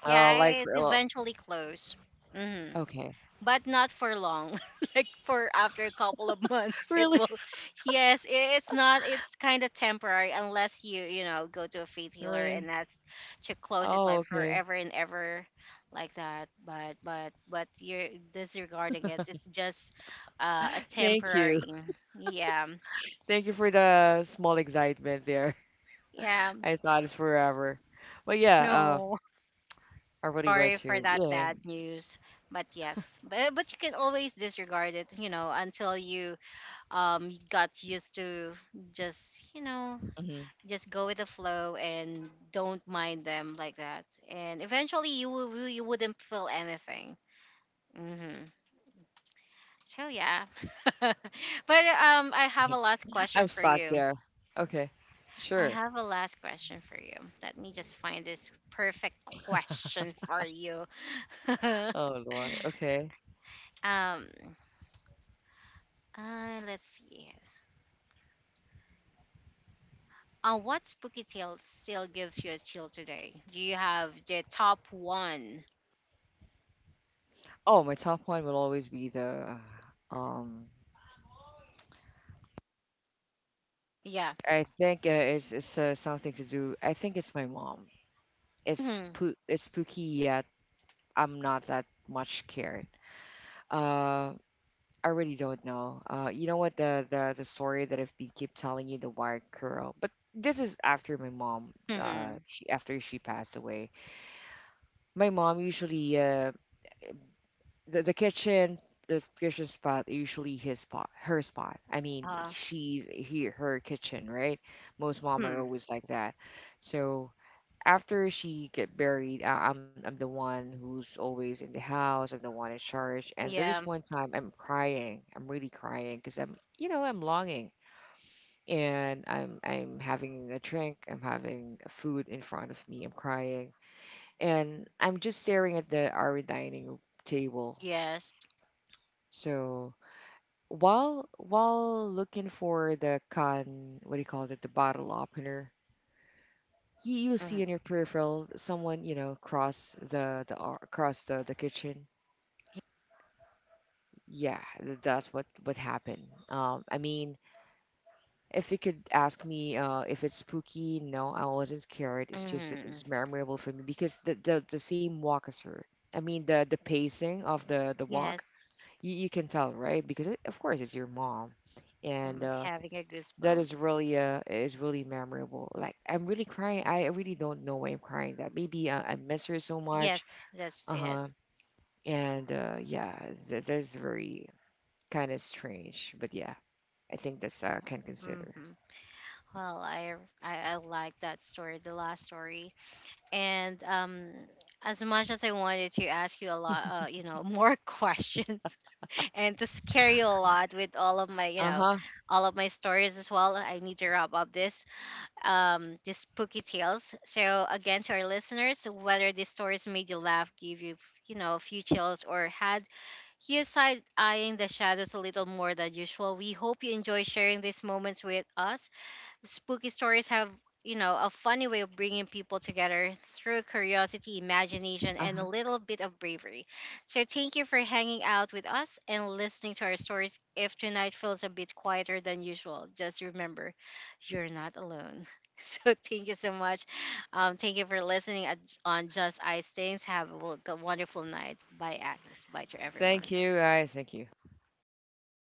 [SPEAKER 2] Oh,
[SPEAKER 1] Yeah,
[SPEAKER 2] like
[SPEAKER 1] it eventually close. Mm-hmm.
[SPEAKER 2] okay.
[SPEAKER 1] But not for long, like for after a couple of months it
[SPEAKER 2] Really?
[SPEAKER 1] will, yes, it's not, it's kind of temporary, unless you, you know, go to a faith healer, and
[SPEAKER 2] Really?
[SPEAKER 1] that's to close it
[SPEAKER 2] Oh,
[SPEAKER 1] like
[SPEAKER 2] okay.
[SPEAKER 1] forever and ever, like that. But you're disregarding it, it's just a
[SPEAKER 2] Thank you.
[SPEAKER 1] temporary. Yeah.
[SPEAKER 2] Thank you for the small excitement there.
[SPEAKER 1] Yeah.
[SPEAKER 2] I thought it's forever. But yeah,
[SPEAKER 1] No,
[SPEAKER 2] I really want
[SPEAKER 1] sorry for
[SPEAKER 2] to.
[SPEAKER 1] that
[SPEAKER 2] Yeah.
[SPEAKER 1] bad news. But yes, but you can always disregard it, you know, until you, got used to, just, you know,
[SPEAKER 2] Hmm.
[SPEAKER 1] just go with the flow, and don't mind them like that, and eventually you will, you wouldn't feel anything. Hmm. So yeah. But I have a last
[SPEAKER 2] I'm
[SPEAKER 1] question for
[SPEAKER 2] stuck
[SPEAKER 1] you.
[SPEAKER 2] there. Okay.
[SPEAKER 1] I
[SPEAKER 2] Sure.
[SPEAKER 1] have a last question for you Let me just find this perfect question for you.
[SPEAKER 2] Oh Lord. Okay.
[SPEAKER 1] um let's see. Yes. What spooky tale still gives you a chill today? Do you have the top one?
[SPEAKER 2] Oh, my top one will always be the, uh, um
[SPEAKER 1] Yeah.
[SPEAKER 2] I think, it's something to do. I think it's my mom. It's
[SPEAKER 1] Mhm.
[SPEAKER 2] spoo it's spooky yet I'm not that much scared. Uh I really don't know. You know what, the story that I've been keep telling you, the wild girl. But this is after my mom,
[SPEAKER 1] Mhm.
[SPEAKER 2] she after she passed away. My mom usually, the kitchen, the kitchen spot, usually his spot, her spot, I mean,
[SPEAKER 1] Uh.
[SPEAKER 2] she's he her kitchen, right? Most mom are
[SPEAKER 1] Hmm.
[SPEAKER 2] always like that. So after she get buried, I'm the one who's always in the house, I'm the one in charge, and there's
[SPEAKER 1] Yeah.
[SPEAKER 2] one time, I'm really crying, because, I'm you know I'm longing, and I'm having a drink, I'm having food in front of me, I'm crying, and I'm just staring at the our dining table.
[SPEAKER 1] Yes.
[SPEAKER 2] So while looking for what do you call it, the bottle opener, you see
[SPEAKER 1] Mhm.
[SPEAKER 2] in your peripheral someone, cross the ar- across the kitchen. Yeah, that's what happened. I mean, if you could ask me, if it's spooky, no, I wasn't scared. It's just that it's
[SPEAKER 1] Mhm.
[SPEAKER 2] memorable for me because the same walk as her. I mean, the pacing of the walk,
[SPEAKER 1] Yes.
[SPEAKER 2] you can tell, right? Because, of course it's your mom, and
[SPEAKER 1] I'm having a
[SPEAKER 2] that is
[SPEAKER 1] goosebumps.
[SPEAKER 2] really memorable. Like, I'm really crying. I really don't know why I'm crying. That maybe, I miss her so much.
[SPEAKER 1] Yes, that's
[SPEAKER 2] Uh
[SPEAKER 1] it.
[SPEAKER 2] huh. And, yeah, that is very kind of strange. But yeah, I think that's, can consider.
[SPEAKER 1] Mm-hmm. Well, I like that story, the last story, and as much as I wanted to ask you a lot, you know, more questions and to scare you a lot with all of my, you
[SPEAKER 2] Uh
[SPEAKER 1] know,
[SPEAKER 2] huh.
[SPEAKER 1] all of my stories as well. I need to wrap up this. The spooky tales. So again, to our listeners, whether these stories made you laugh, give you, you know, a few chills, or had you side eyeing the shadows a little more than usual, we hope you enjoy sharing these moments with us. Spooky stories have, you know, a funny way of bringing people together through curiosity, imagination,
[SPEAKER 2] Uh
[SPEAKER 1] and
[SPEAKER 2] huh.
[SPEAKER 1] a little bit of bravery. So thank you for hanging out with us and listening to our stories. If tonight feels a bit quieter than usual, just remember you're not alone. So thank you so much. Thank you for listening on Just Ice Things. Have a a wonderful night. Bye, Agnes. Bye to
[SPEAKER 2] Thank
[SPEAKER 1] everyone.
[SPEAKER 2] you guys. Thank you.